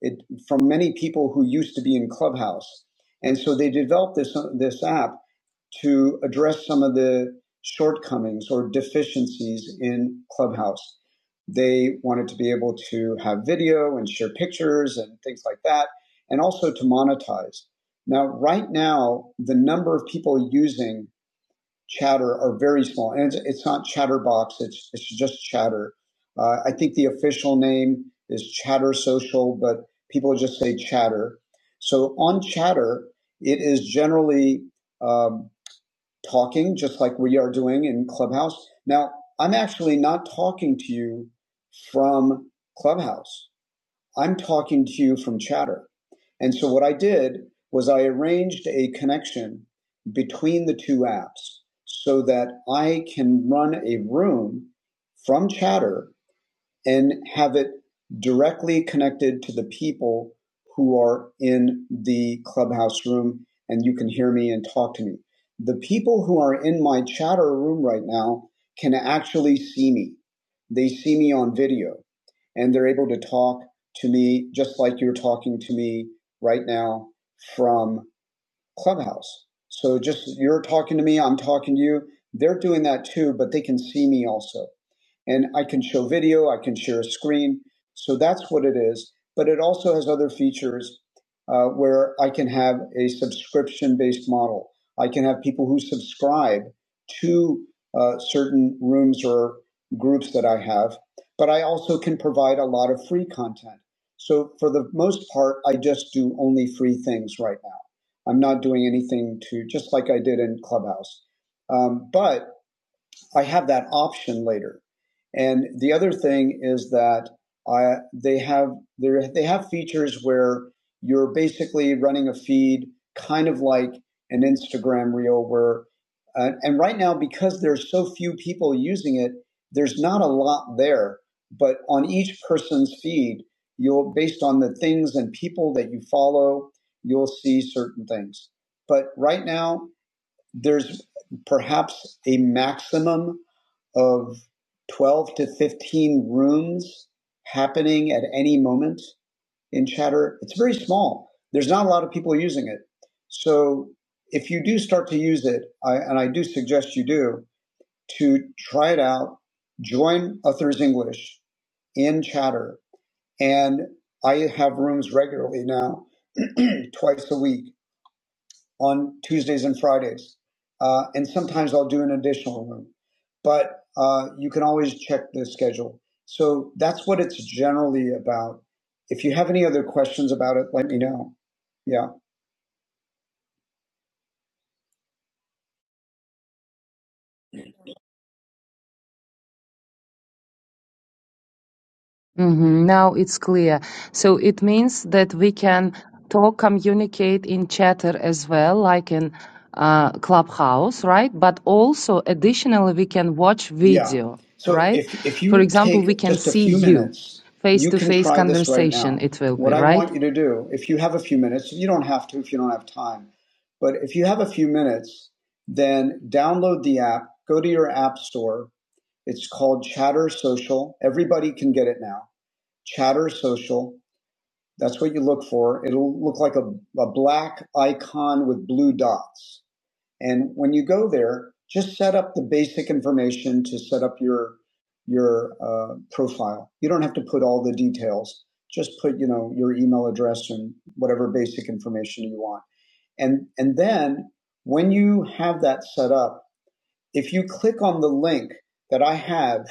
S7: it from many people who used to be in Clubhouse. And so they developed this, this app to address some of the shortcomings or deficiencies in Clubhouse. They wanted to be able to have video and share pictures and things like that, and also to monetize. Now, right now, the number of people using Chatter are very small, and it's, it's not Chatterbox; it's it's just Chatter. Uh, I think the official name is Chatter Social, but people just say Chatter. So on Chatter, it is generally um, talking, just like we are doing in Clubhouse. Now, I'm actually not talking to you from Clubhouse. I'm talking to you from Chatter. And so what I did was I arranged a connection between the two apps so that I can run a room from Chatter and have it directly connected to the people who are in the clubhouse room and you can hear me and talk to me. The people who are in my chatter room right now can actually see me. They see me on video and they're able to talk to me just like you're talking to me right now from Clubhouse. So just you're talking to me, I'm talking to you. They're doing that too, but they can see me also and I can show video, I can share a screen. So that's what it is. But it also has other features uh, where I can have a subscription based model. I can have people who subscribe to uh, certain rooms or groups that I have, but I also can provide a lot of free content. So for the most part, I just do only free things right now. I'm not doing anything to, just like I did in Clubhouse. Um, but I have that option later. And the other thing is that I, they have there they have features where you're basically running a feed, kind of like an Instagram reel, where uh, and right now because there's so few people using it, there's not a lot there. But on each person's feed, you'll based on the things and people that you follow, you'll see certain things. But right now there's perhaps a maximum of 12 to 15 rooms happening at any moment in chatter it's very small there's not a lot of people using it so if you do start to use it I, and i do suggest you do to try it out join authors english in chatter and i have rooms regularly now twice a week on Tuesdays and Fridays. Uh, and sometimes I'll do an additional room, but uh, you can always check the schedule. So that's what it's generally about. If you have any other questions about it, let me know. Yeah.
S10: hmm Now it's clear. So it means that we can talk, communicate in chatter as well, like in uh, Clubhouse, right? But also, additionally, we can watch
S7: Yeah.
S10: video,
S7: So
S10: right?
S7: if, if
S10: For
S7: you
S10: example, we
S7: take
S10: can
S7: just a
S10: see
S7: few
S10: you
S7: minutes,
S10: face
S7: you
S10: to
S7: can
S10: face
S7: try this right
S10: conversation,
S7: now.
S10: it will be,
S7: What I
S10: right?
S7: want you to do, if you have a few minutes, you don't have to if you don't have time, but if you have a few minutes, then download the app, go to your app store, It's called Chatter Social. Everybody can get it now. Chatter Social. That's what you look for. It'll look like a, a black icon with blue dots. And when you go there, just set up the basic information to set up your your uh, profile. You don't have to put all the details. Just put you know your email address and whatever basic information you want. And and then when you have that set up, if you click on the link that I have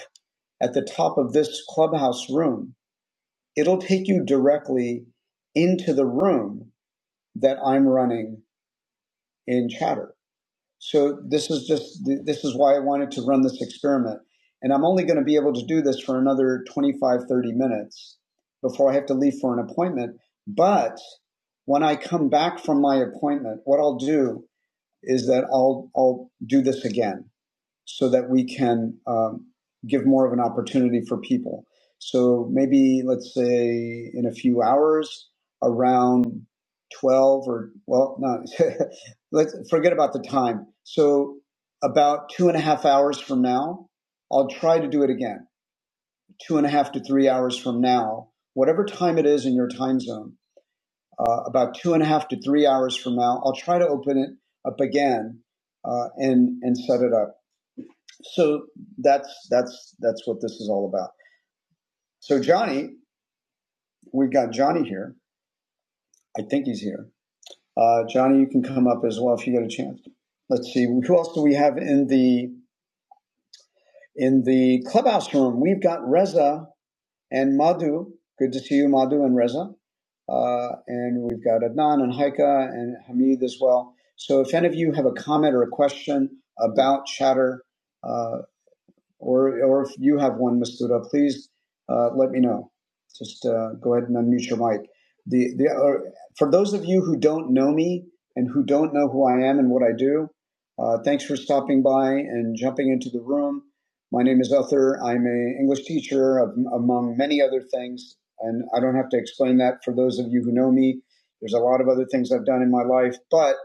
S7: at the top of this clubhouse room, it'll take you directly into the room that I'm running in chatter. So this is just, th- this is why I wanted to run this experiment. And I'm only going to be able to do this for another 25, 30 minutes before I have to leave for an appointment. But when I come back from my appointment, what I'll do is that I'll, I'll do this again so that we can um, give more of an opportunity for people. So maybe let's say in a few hours, around twelve or well, no, let's forget about the time. So about two and a half hours from now, I'll try to do it again. Two and a half to three hours from now, whatever time it is in your time zone, uh, about two and a half to three hours from now, I'll try to open it up again uh, and and set it up so that's that's that's what this is all about. So Johnny, we've got Johnny here. I think he's here. Uh, Johnny, you can come up as well if you get a chance. Let's see who else do we have in the in the clubhouse room. We've got Reza and Madhu. Good to see you, Madhu and Reza. Uh, and we've got Adnan and Haika and Hamid as well. So if any of you have a comment or a question about Chatter, uh, or or if you have one, Ms. Luda, please uh, let me know. Just uh, go ahead and unmute your mic. The the or for those of you who don't know me and who don't know who I am and what I do, uh, thanks for stopping by and jumping into the room. My name is Uther. I'm an English teacher among many other things, and I don't have to explain that for those of you who know me. There's a lot of other things I've done in my life, but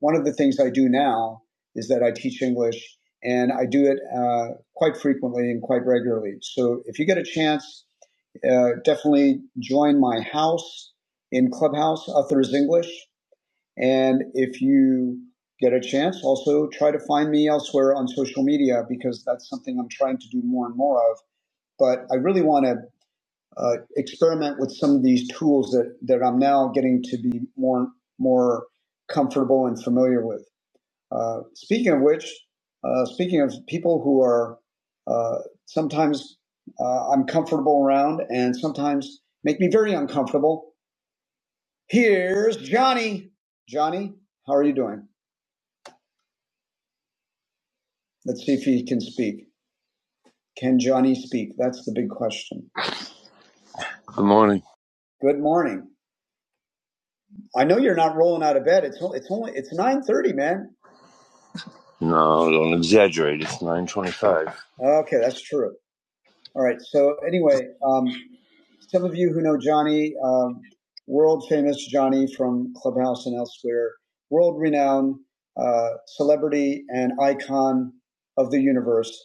S7: one of the things I do now is that I teach English and I do it uh, quite frequently and quite regularly. So if you get a chance, uh, definitely join my house in Clubhouse, Uthers English. And if you get a chance, also try to find me elsewhere on social media because that's something I'm trying to do more and more of. But I really want to uh, experiment with some of these tools that, that I'm now getting to be more more comfortable and familiar with. Uh, speaking of which, uh, speaking of people who are uh, sometimes uh, I'm comfortable around and sometimes make me very uncomfortable, here's Johnny. Johnny, how are you doing? Let's see if he can speak. Can Johnny speak? That's the big question. Good morning. Good morning. I know you're not rolling out of bed. It's only, it's only it's nine thirty, man. No, don't exaggerate. It's nine twenty-five. Okay, that's true. All right. So anyway, um, some of you who know Johnny, um, world famous Johnny from Clubhouse and elsewhere, world renowned uh, celebrity and icon of the universe.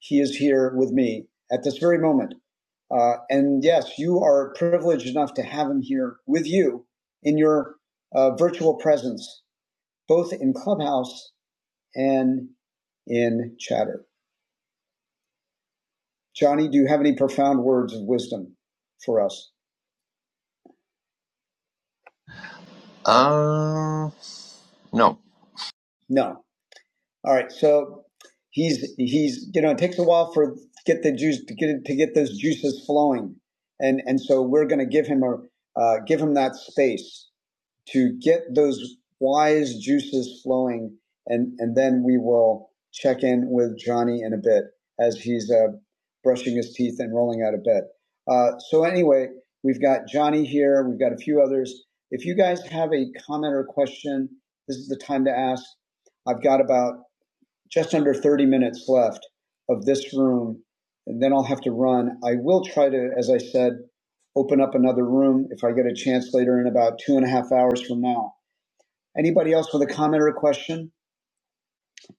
S7: He is here with me at this very moment. Uh, and yes, you are privileged enough to have him here with you in your uh, virtual presence, both in Clubhouse and in Chatter. Johnny, do you have any profound words of wisdom for us? Uh, no. No. All right. So he's he's you know it takes a while for get the juice to get to get those juices flowing, and and so we're going to give him a uh, give him that space to get those wise juices flowing. And, and then we will check in with Johnny in a bit as he's uh, brushing his teeth and rolling out of bed. Uh, so, anyway, we've got Johnny here, we've got a few others. If you guys have a comment or question, this is the time to ask. I've got about just under 30 minutes left of this room, and then I'll have to run. I will try to, as I said, open up another room if I get a chance later in about two and a half hours from now. Anybody else with a comment or a question?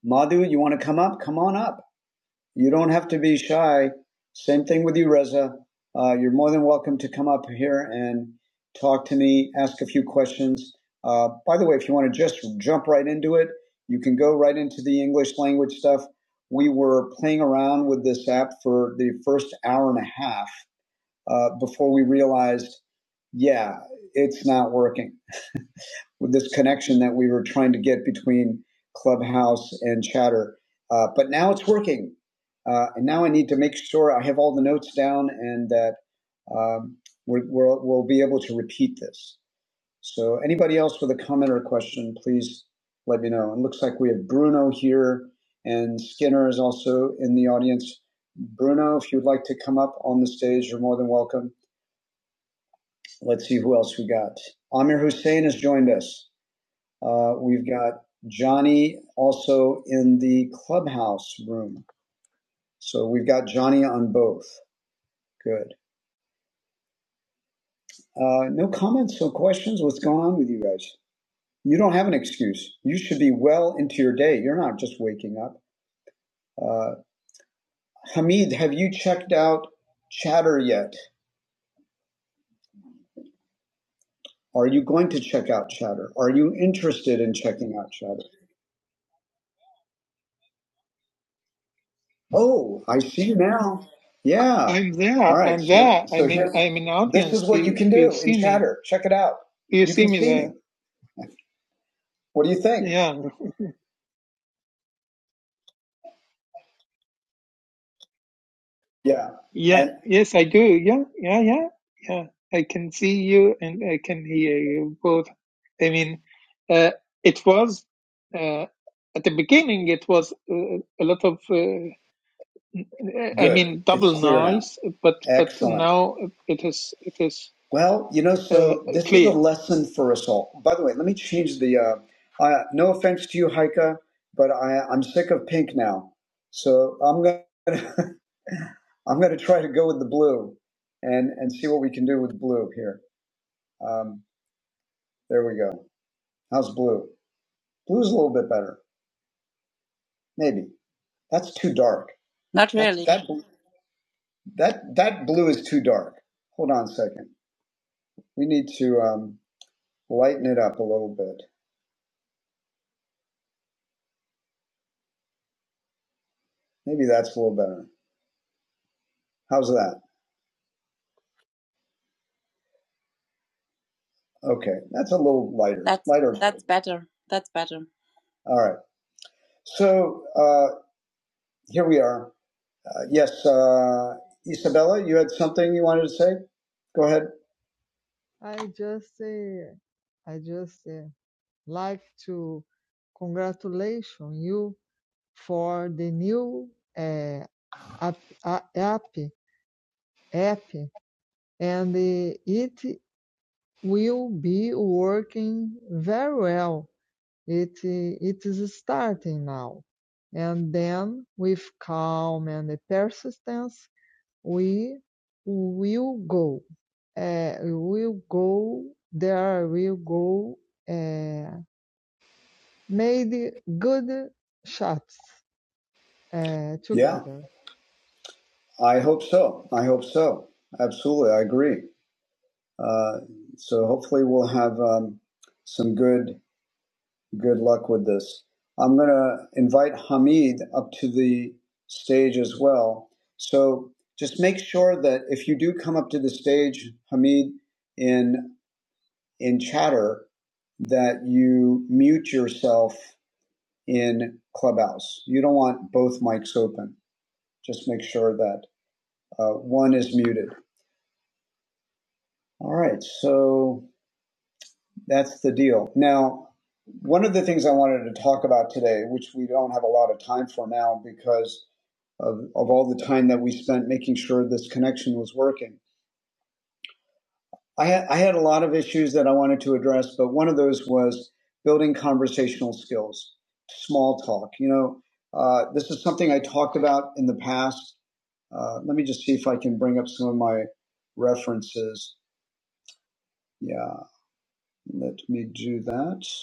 S7: Madhu, you want to come up? Come on up. You don't have to be shy. Same thing with you, Reza. Uh, you're more than welcome to come up here and talk to me, ask a few questions. Uh, by the way, if you want to just jump right into it, you can go right into the English language stuff. We were playing around with this app for the first hour and a half uh, before we realized, yeah, it's not working with this connection that we were trying to get between Clubhouse and Chatter. Uh, but now it's working. Uh, and now I need to make sure I have all the notes down and that um, we're, we're, we'll be able to repeat this. So, anybody else with a comment or a question, please let me know. It looks like we have Bruno here and Skinner is also in the audience. Bruno, if you'd like to come up on the stage, you're more than welcome. Let's see who else we got. Amir Hussein has joined us. Uh, we've got Johnny also in the clubhouse room. So we've got Johnny on both. Good. Uh, no comments or questions? What's going on with you guys? You don't have an excuse. You should be well into your day. You're not just waking up. Uh, Hamid, have you checked out Chatter yet? Are you going to check out Chatter? Are you interested in checking out Chatter? Oh, I see now. Yeah.
S9: I'm
S7: All
S9: there.
S7: right.
S9: I'm
S7: So
S9: there. I
S7: so
S9: mean,
S7: here
S9: I'm in
S7: this
S9: audience.
S7: is
S9: Do,
S7: what you can
S9: do you
S7: do in
S9: see me?
S7: chatter. Check it out.
S9: Do you
S7: You
S9: see
S7: can
S9: me
S7: see me. What do you think?
S9: there?
S7: Yeah.
S9: Yeah,
S7: And
S9: yes, I do. Yeah, yeah, yeah, yeah. I can see you and I can hear you both. I mean, uh, it was uh, at the beginning. It was uh, a lot of, uh, I
S7: good.
S9: mean,
S7: It's
S9: double
S7: clear now.
S9: noise. But but
S7: Excellent.
S9: now it is it is
S7: Well, you know,
S9: uh,
S7: so this is a
S9: clear.
S7: lesson for us all. By the way, let me change the. Uh, uh, no offense to you, Heike, but I, I'm sick of pink now, so I'm gonna I'm gonna try to go with the blue, and and see what we can do with blue here. Um, There we go. How's blue? Blue's a little bit better. Maybe. That's too dark. Not That- really. That, that, that that blue is too dark. Hold on a second. We need to um, lighten it up a little bit. Maybe that's a little better. How's that? Okay. That's a little lighter. That's Lighter. that's better. That's better. All right. So uh, here we are. Uh, yes, uh, Isabella, you had something you wanted to say? Go ahead. I hope so. I hope so. Absolutely. I agree. Uh, so hopefully we'll have um, some good good luck with this. I'm going to invite Hamid up to the stage as well. So just make sure that if you do come up to the stage, Hamid, in in chatter, that you mute yourself in Clubhouse. You don't want both mics open. Just make sure that uh, one is muted. All right. So That's the deal. Now, one of the things I wanted to talk about today, which we don't have a lot of time for now because of, of all the time that we spent making sure this connection was working, I had, I had a lot of issues that I wanted to address, but one of those was building conversational skills, small talk. You know, uh, this is something I talked about in the past. Uh, let me just see if I can bring up some of my references. Yeah, let me do that.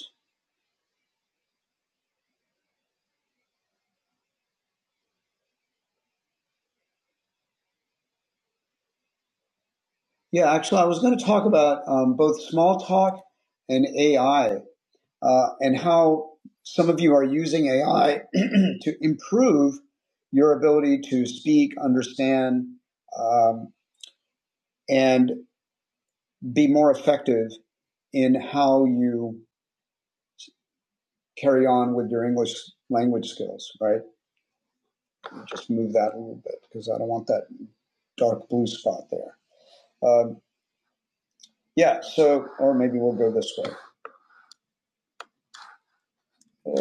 S7: Yeah, actually, I was going to talk about um, both small talk and AI uh, and how some of you are using AI to improve your ability to speak, understand, um, and be more effective in how you carry on with your English language skills, right? Just move that a little bit because I don't want that dark blue spot there. Um, yeah, so, or maybe we'll go this way.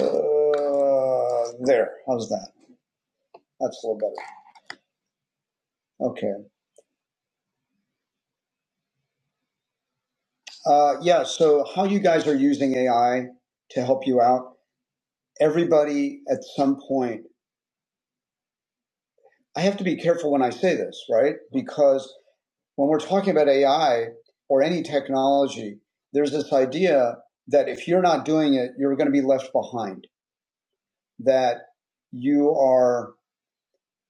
S7: Uh, there, how's that? That's a little better. Okay. Uh, yeah. So how you guys are using AI to help you out? Everybody at some point. I have to be careful when I say this, right? Because when we're talking about AI or any technology, there's this idea that if you're not doing it, you're going to be left behind. That you are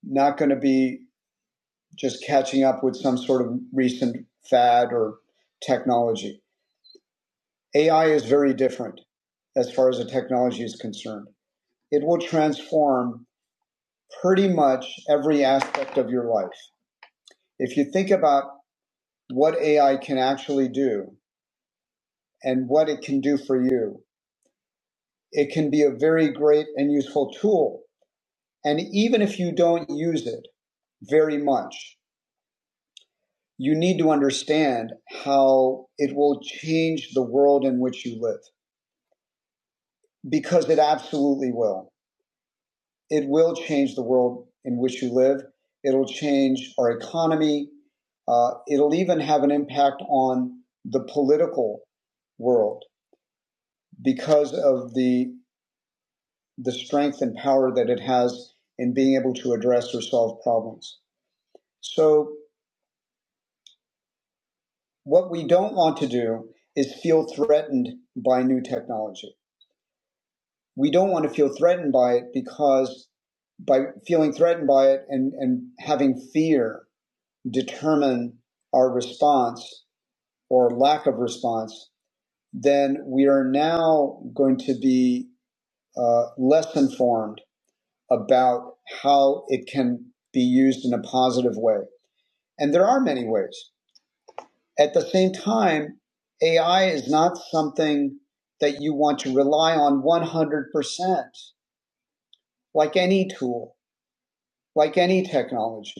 S7: not going to be just catching up with some sort of recent fad or technology. AI is very different as far as the technology is concerned. It will transform pretty much every aspect of your life. If you think about what AI can actually do and what it can do for you, it can be a very great and useful tool. And even if you don't use it very much, you need to understand how it will change the world in which you live because it absolutely will. it will change the world in which you live. It'll change our economy. Uh, it'll even have an impact on the political world because of the the strength and power that it has in being able to address or solve problems. So what we don't want to do is feel threatened by new technology. We don't want to feel threatened by it because by feeling threatened by it and, and having fear determine our response or lack of response, then we are now going to be uh, less informed about how it can be used in a positive way. And there are many ways. At the same time, AI is not something that you want to rely on 100%, like any tool, like any technology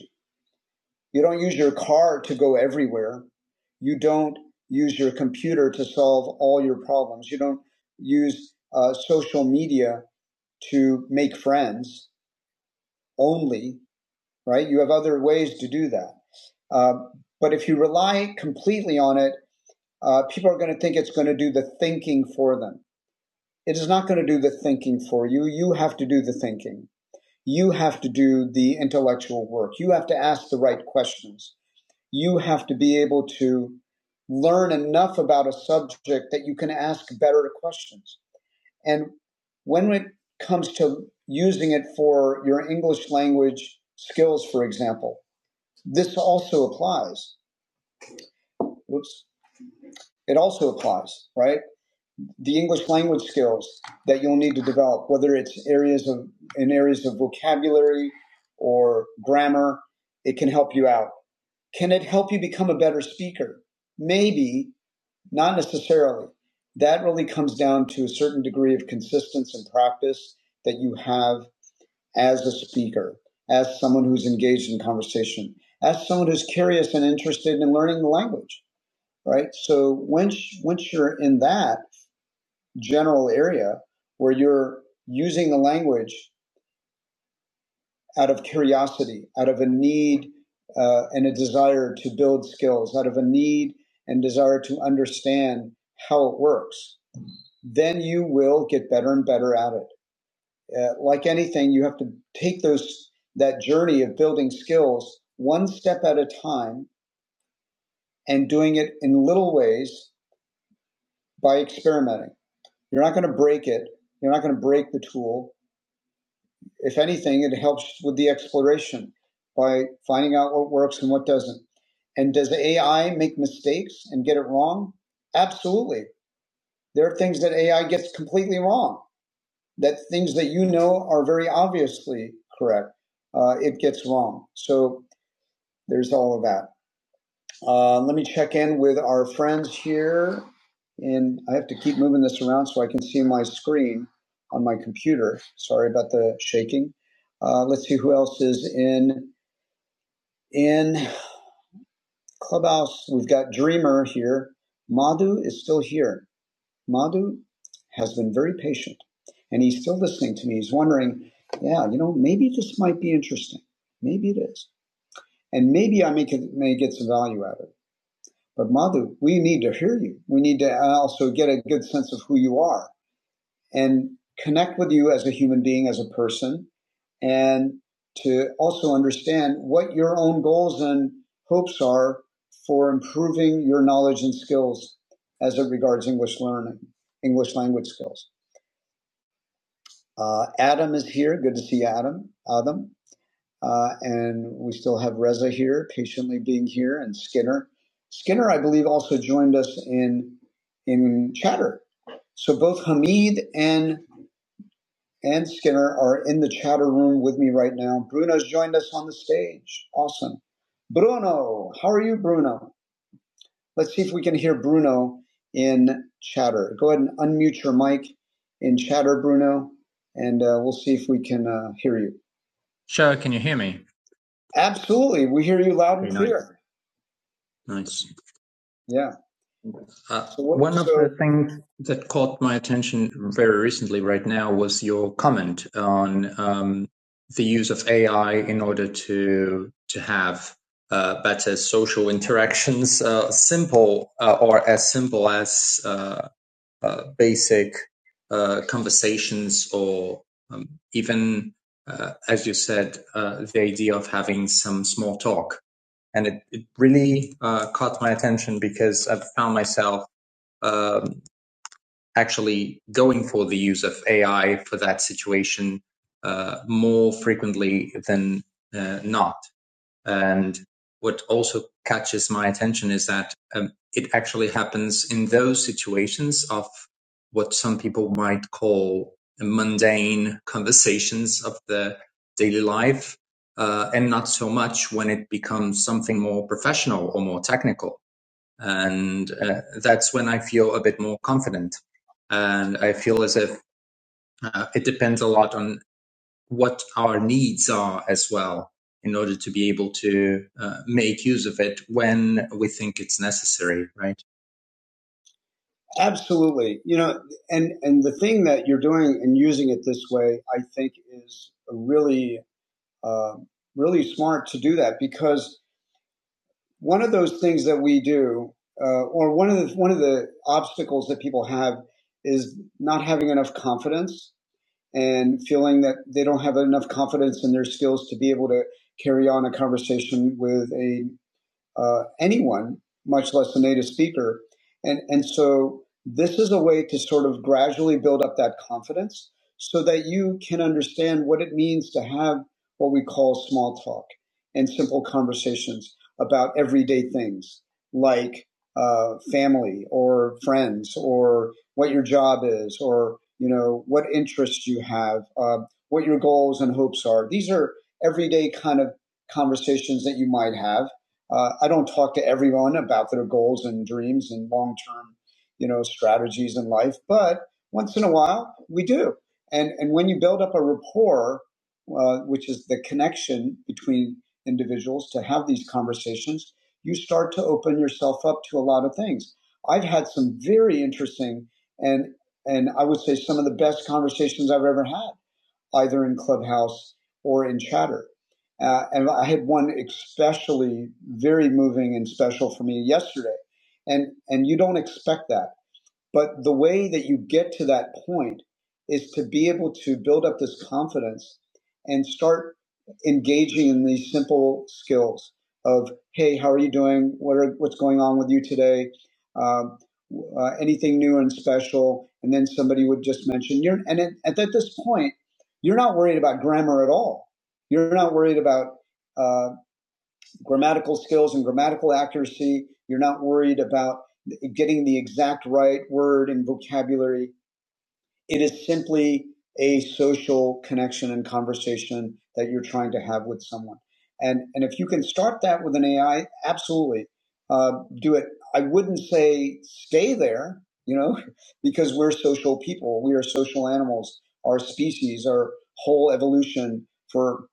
S7: You don't use your car to go everywhere. You don't use your computer to solve all your problems. You don't use uh, social media to make friends only, right? You have other ways to do that. Uh, but if you rely completely on it, uh, people are going to think it's going to do the thinking for them. It is not going to do the thinking for you. You have to do the thinking. You have to do the intellectual work. You have to ask the right questions you have to be able to learn enough about a subject that you can ask better questions. And when it comes to using it for your English language skills, for example, this also applies. Oops. It also applies, right? The English language skills that you'll need to develop, whether it's areas of in areas of vocabulary or grammar, it can help you out. Can it help you become a better speaker? Maybe Not necessarily. That really comes down to a certain degree of consistency and practice that you have as a speaker, as someone who's engaged in conversation, as someone who's curious and interested in learning the language, right? So once once you're in that general area where you're using the language out of curiosity, out of a need uh, and a desire to build skills, out of a need and desire to understand how it works, then you will get better and better at it. Uh, like anything, you have to take those that journey of building skills one step at a time and doing it in little ways by experimenting. You're not going to break it. You're not going to break the tool. If anything, it helps with the exploration by finding out what works and what doesn't. And does AI make mistakes and get it wrong? Absolutely. There are things that AI gets completely wrong that things that you know are very obviously correct, uh, it gets wrong. So there's all of that. Uh, let me check in with our friends here. And I have to keep moving this around so I can see my screen on my computer. Sorry about the shaking. Uh, let's see who else is in in Clubhouse. We've got Dreamer here. Madhu is still here. Madhu has been very patient and he's still listening to me. He's wondering, yeah, you know, maybe this might be interesting. Maybe it is. And maybe I may, get- may get some value out of it. But Madhu, we need to hear you. We need to uh, also get a good sense of who you are and connect with you as a human being, as a person, and to also understand what your own goals and hopes are for improving your knowledge and skills as it regards English learning, English language skills. Uh, Adam is here. Good to see you, Adam. Adam. Uh, and we still have Reza here, patiently being here, and Skinner. Skinner, I believe, also joined us in in chatter. So both Hamid and and Skinner are in the chatter room with me right now. Bruno's joined us on the stage. Awesome. Bruno, how are you, Bruno? Let's see if we can hear Bruno in chatter. Go ahead and unmute your mic in chatter, Bruno, and uh, we'll see if we can uh, hear you. Show, can you hear me? Absolutely. We hear you loud and Very nice. clear. Nice. nice. Yeah. Uh, So what- one so, of so- the things that caught my attention very recently, right now, was your comment on um, the use of AI in order to to have uh, better social interactions, uh, simple uh, or as simple as uh, uh, basic uh, conversations or um, even, uh, as you said, uh, the idea of having some small talk. And it, it really uh, caught my attention because I've found myself um, actually going for the use of AI for that situation uh, more frequently than uh, not. And what also catches my attention is that um, it actually happens in those situations of what some people might call mundane conversations of the daily life, uh, and not so much when it becomes something more professional or more technical. And uh, that's when I feel a bit more confident. And I feel as if uh, it depends a lot on what our needs are as well in order to be able to uh, make use of it when we think it's necessary, right? Absolutely. You know, and and the thing that you're doing and using it this way, I think, is really uh, really smart to do that because one of those things that we do, uh, or one of the one of the obstacles that people have, is not having enough confidence and feeling that they don't have enough confidence in their skills to be able to carry on a conversation with a uh, anyone, much less a native speaker. And, and so this is a way to sort of gradually build up that confidence so that you can understand what it means to have what we call small talk and simple conversations about everyday things like uh, family or friends or what your job is or you know what interests you have uh, what your goals and hopes are these are everyday kind of conversations that you might have uh, I don't talk to everyone about their goals and dreams and long term, you know, strategies in life, but once in a while we do. And and when you build up a rapport, uh, which is the connection between individuals to have these conversations, you start to open yourself up to a lot of things. I've had some very interesting and and I would say some of the best conversations I've ever had either in Clubhouse or in Chatter. Uh, and I had one especially very moving and special for me yesterday. And and you don't expect that. But the way that you get to that point is to be able to build up this confidence and start engaging in these simple skills of, hey, how are you doing? What are, what's going on with you today? Um, uh, anything new and special? And then somebody would just mention you're, and at, at this point, you're not worried about grammar at all. You're not worried about uh, grammatical skills and grammatical accuracy. You're not worried about getting the exact right word and vocabulary. It is simply a social connection and conversation that you're trying to have with someone. And, and if you can start that with an AI, absolutely uh, do it. I wouldn't say stay there, you know, because we're social people. We are social animals. Our species, our whole evolution for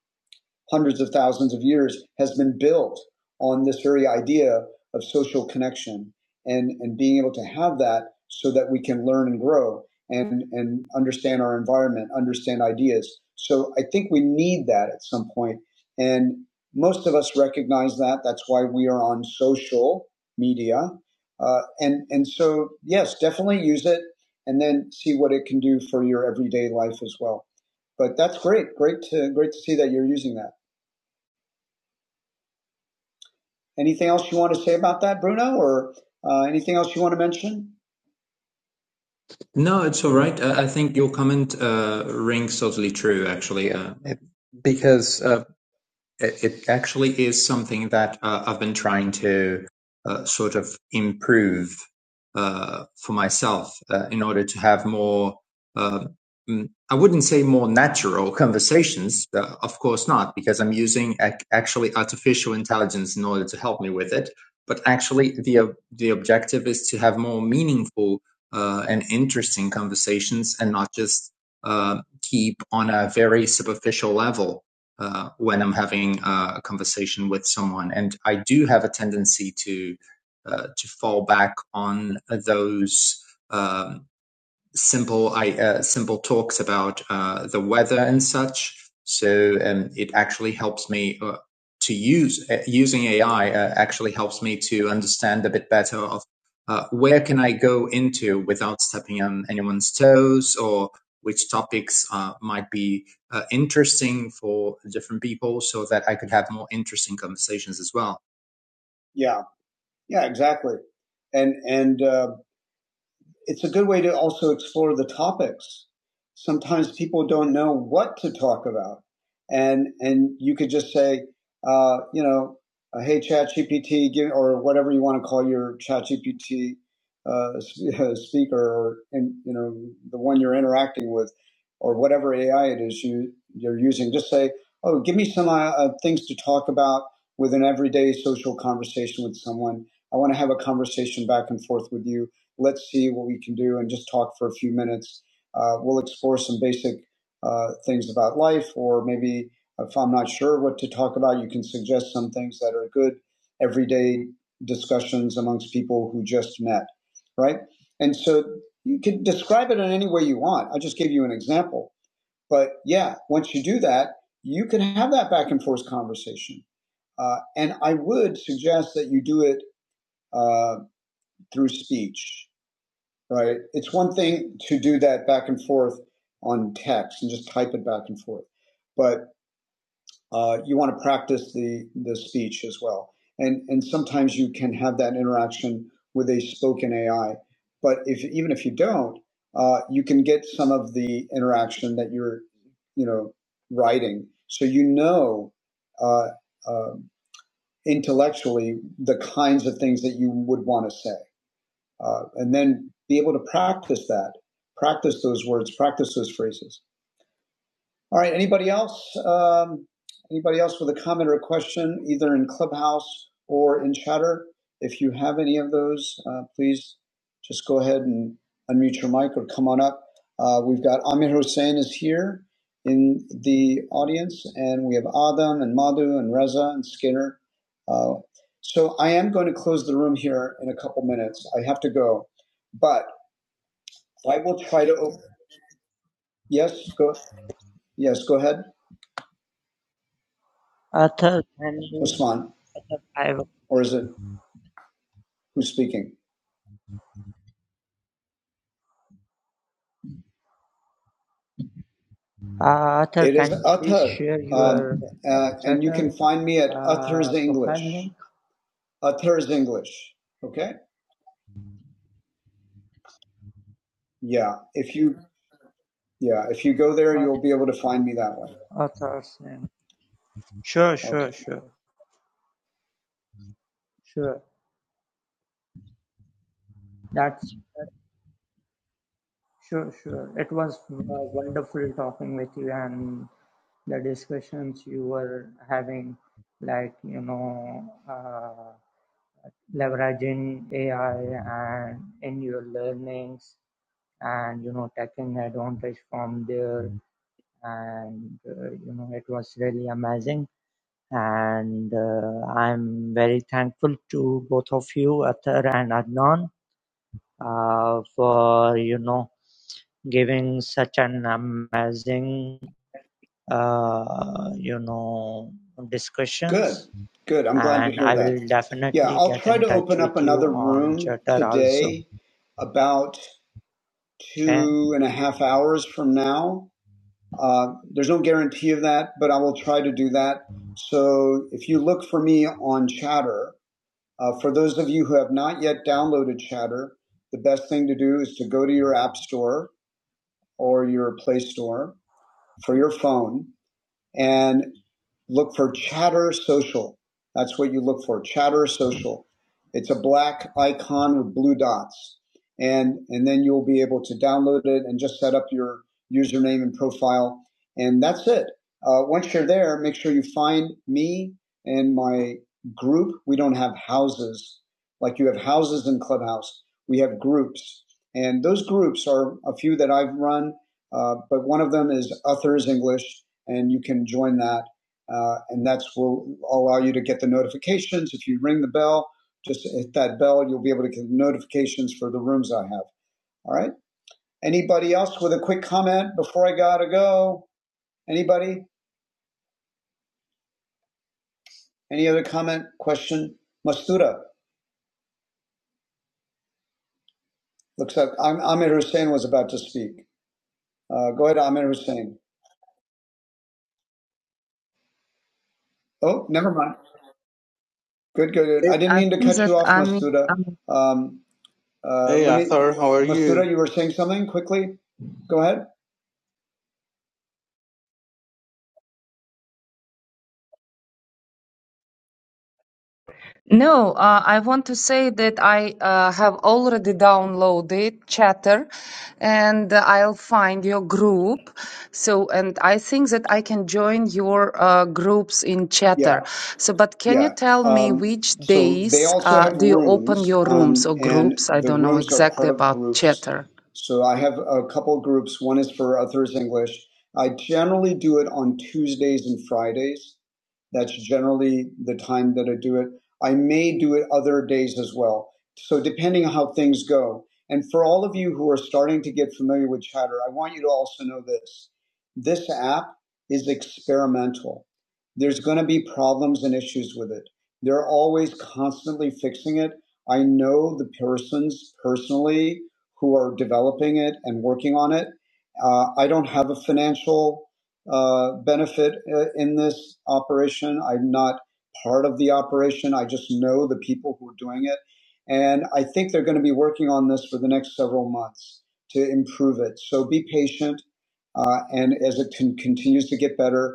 S7: hundreds of thousands of years has been built on this very idea of social connection and, and being able to have that so that we can learn and grow and, and understand our environment, understand ideas. So I think we need that at some point. And most of us recognize that. That's why we are on social media. Uh, and, and so, yes, definitely use it and then see what it can do for your everyday life as well. But that's great. Great to, great to see that you're using that. Anything else you want to say about that, Bruno, or uh, anything else you want to mention? No, it's all right. I, think your comment uh, rings totally true, actually, uh, because uh, it, it actually is something that uh, I've been trying to uh, sort of improve uh, for myself uh, in order to have more, uh, mm, I wouldn't say more natural conversations, uh, of course not, because I'm using ac- actually artificial intelligence in order to help me with it. But actually, the ob- the objective is to have more meaningful uh, and interesting conversations, and not just uh, keep on a very superficial level uh, when I'm having uh, a conversation with someone. And I do have a tendency to uh, to fall back on those. um simple I, uh, simple talks about uh, the weather and such. So um, it actually helps me uh, to use uh, using AI uh, actually helps me to understand a bit better of uh, where can I go into without stepping on anyone's toes or which topics uh, might be uh, interesting for different people so that I could have more interesting conversations as well. Yeah, yeah, exactly. And and uh, it's a good way to also explore the topics. Sometimes people don't know what to talk about, and and you could just say, uh, you know, uh, hey ChatGPT, give or whatever you want to call your ChatGPT uh, uh, speaker, or and you know the one you're interacting with, or whatever AI it is you you're using. Just say, oh, give me some uh, uh, things to talk about with an everyday social conversation with someone. I want to have a conversation back and forth with you let's see what we can do and just talk for a few minutes. Uh, we'll explore some basic uh, things about life, or maybe if I'm not sure what to talk about, you can suggest some things that are good everyday discussions amongst people who just met, right? And so you can describe it in any way you want. I just gave you an example. But yeah, once you do that, you can have that back and forth conversation. Uh, and I would suggest that you do it uh, through speech right? It's one thing to do that back and forth on text and just type it back and forth, but uh, you want to practice the the speech as well. And and sometimes you can have that interaction with a spoken AI, but if even if you don't, uh, you can get some of the interaction that you're you know writing, so you know. Uh, uh, intellectually the kinds of things that you would want to say uh, and then be able to practice that, practice those words, practice those phrases. All right, anybody else? Um, anybody else with a comment or a question, either in Clubhouse or in Chatter? If you have any of those, uh, please just go ahead and unmute your mic or come on up. Uh, we've got Amir Hussein is here in the audience, and we have Adam and Madhu and Reza and Skinner. Uh, so I am going to close the room here in a couple minutes. I have to go, but I will try to. open. Yes, go. Yes, go ahead,
S8: Arthur, can you?
S7: Osman.
S8: Arthur, I will.
S7: Or is it? who's speaking.
S8: Uh, Arthur,
S7: It is
S8: can you please
S7: Athar,
S8: share your
S7: um,
S8: uh,
S7: uh, and you can
S8: Chatter
S7: find me at Athar's
S8: uh,
S7: English.
S8: profile link,
S7: Athar's English. Okay. Yeah. If you yeah, if you go there, you'll
S8: Arth-
S7: be able to find me that way.
S8: Arthur's name? Sure,
S7: Okay.
S8: sure, sure, sure. That's sure, sure. It was uh, wonderful talking with you and the discussions you were having, like, you know, uh, leveraging AI and in your learnings and, you know, taking advantage from there. And, uh, you know, it was really amazing. and uh, I'm very thankful to both of you, Athar and Adnan, uh, for you know giving such an amazing uh, you know
S7: Good.
S8: discussions.
S7: Good. I'm glad to
S8: And
S7: hear
S8: I
S7: that.
S8: will
S7: Yeah,
S8: definitely
S7: I'll
S8: get
S7: try
S8: in
S7: to
S8: touch
S7: open up
S8: with you
S7: another
S8: on
S7: room
S8: Twitter also.
S7: today, about
S8: Okay,
S7: two and a half hours from now. Uh, there's no guarantee of that, but I will try to do that. So if you look for me on Chatter, Uh, for those of you who have not yet downloaded Chatter, the best thing to do is to go to your App Store or your Play Store for your phone and look for Chatter Social. That's what you look for, Chatter Social. It's a black icon with blue dots. And, and then you'll be able to download it and just set up your username and profile. And that's it. Uh, once you're there, make sure you find me and my group. We don't have houses like you have houses in Clubhouse. We have groups. And those groups are a few that I've run, uh, but one of them is Authors English and you can join that. Uh, and that's will allow you to get the notifications. If you ring the bell, just hit that bell, you'll be able to get notifications for the rooms I have. All right. Anybody else with a quick comment before I gotta go? Anybody? Any other comment, question? Mastuda. Looks like Amir Hussein was about to speak. Uh, go ahead, Amir Hussein. Oh, never mind. Good, good, good.
S11: Hey,
S7: I didn't
S10: I
S7: mean to
S10: think
S7: cut
S10: that
S7: you off,
S10: I
S7: Mastuda.
S10: mean,
S7: Um, uh,
S11: hey,
S7: let me,
S11: Athar, how are
S7: Mastuda,
S11: you?
S7: you were saying something quickly? Go ahead.
S10: No, uh, I want to say that I uh, have already downloaded Chatter and I'll find your group. So, and I think that I can join your uh, groups in
S7: Yeah.
S10: Chatter. So, but can you
S7: Yeah.
S10: tell me
S7: Um,
S10: which
S7: so they
S10: days
S7: also
S10: uh,
S7: have
S10: do you open
S7: rooms,
S10: your rooms
S7: um,
S10: or
S7: and
S10: groups? I
S7: the
S10: don't know
S7: rooms are
S10: exactly
S7: part of
S10: about
S7: groups.
S10: Chatter.
S7: So I have a couple groups. One is for Others English. I generally do it on Tuesdays and Fridays. That's generally the time that I do it. I may do it other days as well. So depending on how things go. And for all of you who are starting to get familiar with Chatter, I want you to also know this. This app is experimental there's going to be problems and issues with it. They're always constantly fixing it. I know the persons personally who are developing it and working on it. Uh, I don't have a financial uh, benefit uh, in this operation. I'm not part of the operation. I just know the people who are doing it. And I think they're going to be working on this for the next several months to improve it. So be patient. Uh, and as it con- continues to get better,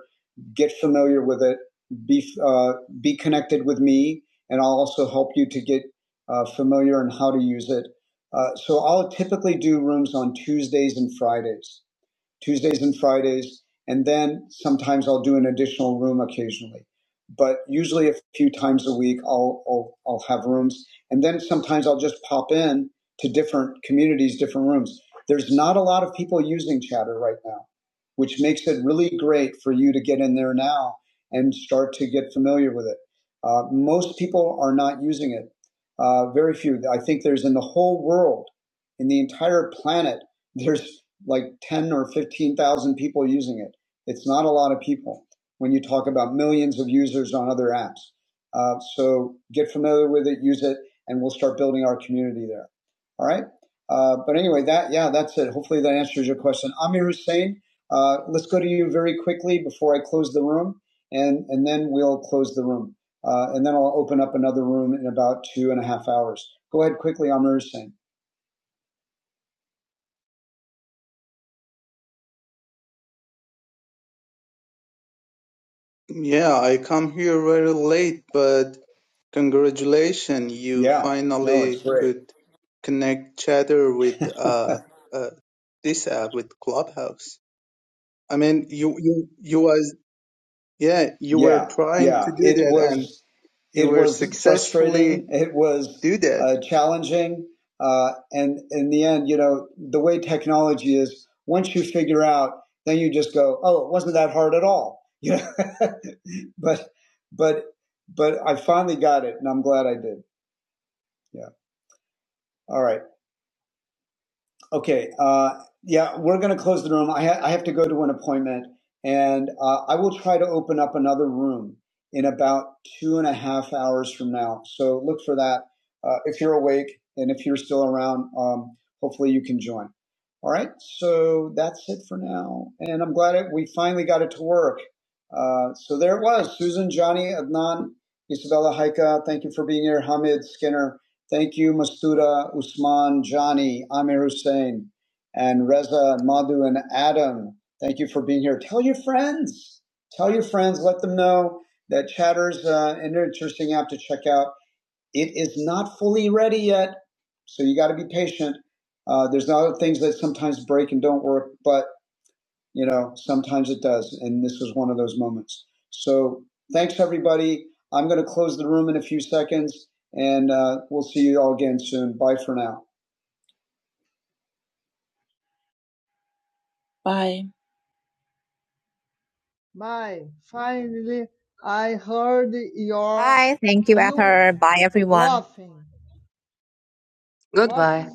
S7: get familiar with it, be, uh, be connected with me, and I'll also help you to get uh, familiar on how to use it. Uh, so I'll typically do rooms on Tuesdays and Fridays. Tuesdays and Fridays, and then sometimes I'll do an additional room occasionally. But usually a few times a week, I'll, I'll, I'll have rooms. And then sometimes I'll just pop in to different communities, different rooms. There's not a lot of people using Chatter right now, which makes it really great for you to get in there now and start to get familiar with it. Uh, most people are not using it. Uh, very few. I think there's in the whole world, in the entire planet, there's like 10 or 15,000 people using it. It's not a lot of people when you talk about millions of users on other apps. Uh, so get familiar with it, use it, and we'll start building our community there. All right. Uh, but anyway, that yeah, that's it. Hopefully that answers your question. Amir Hussein, uh, let's go to you very quickly before I close the room, and and then we'll close the room, uh, and then I'll open up another room in about two and a half hours. Go ahead quickly, Amir Hussein.
S11: Yeah, I come here very late, but congratulations, you
S7: Yeah, no, it's
S11: finally
S7: great.
S11: could connect chatter with uh, uh this app with Clubhouse. I mean, you you you was yeah, you were
S7: Yeah,
S11: trying to
S7: yeah.
S11: do
S7: It
S11: that and
S7: was
S11: you
S7: it
S11: were
S7: was
S11: successfully
S7: frustrating. It was
S11: do that.
S7: uh, challenging, uh, and in the end, you know, the way technology is, once you figure out, then you just go, "Oh, it wasn't that hard at all." You know, but but but I finally got it, and I'm glad I did. Yeah. All right. Okay. Uh, yeah, we're going to close the room. I, ha- I have to go to an appointment, and uh, I will try to open up another room in about two and a half hours from now. So look for that uh, if you're awake and if you're still around. Um, hopefully, you can join. All right. So that's it for now, and I'm glad it, we finally got it to work. Uh, so there it was. Susan, Johnny, Adnan, Isabella, Haika. Thank you for being here. Hamid, Skinner. Thank you, Masuda, Usman, Johnny, Amir Hussein, and Reza, Madhu, and Adam. Thank you for being here. Tell your friends. Tell your friends. Let them know that Chatter's uh, an interesting app to check out. It is not fully ready yet, so you got to be patient. Uh, there's other things that sometimes break and don't work, but you know, sometimes it does. And this was one of those moments. So thanks, everybody. I'm going to close the room in a few seconds and uh, we'll see you all again soon. Bye for now. Bye. Thank Bye, everyone.
S10: Goodbye.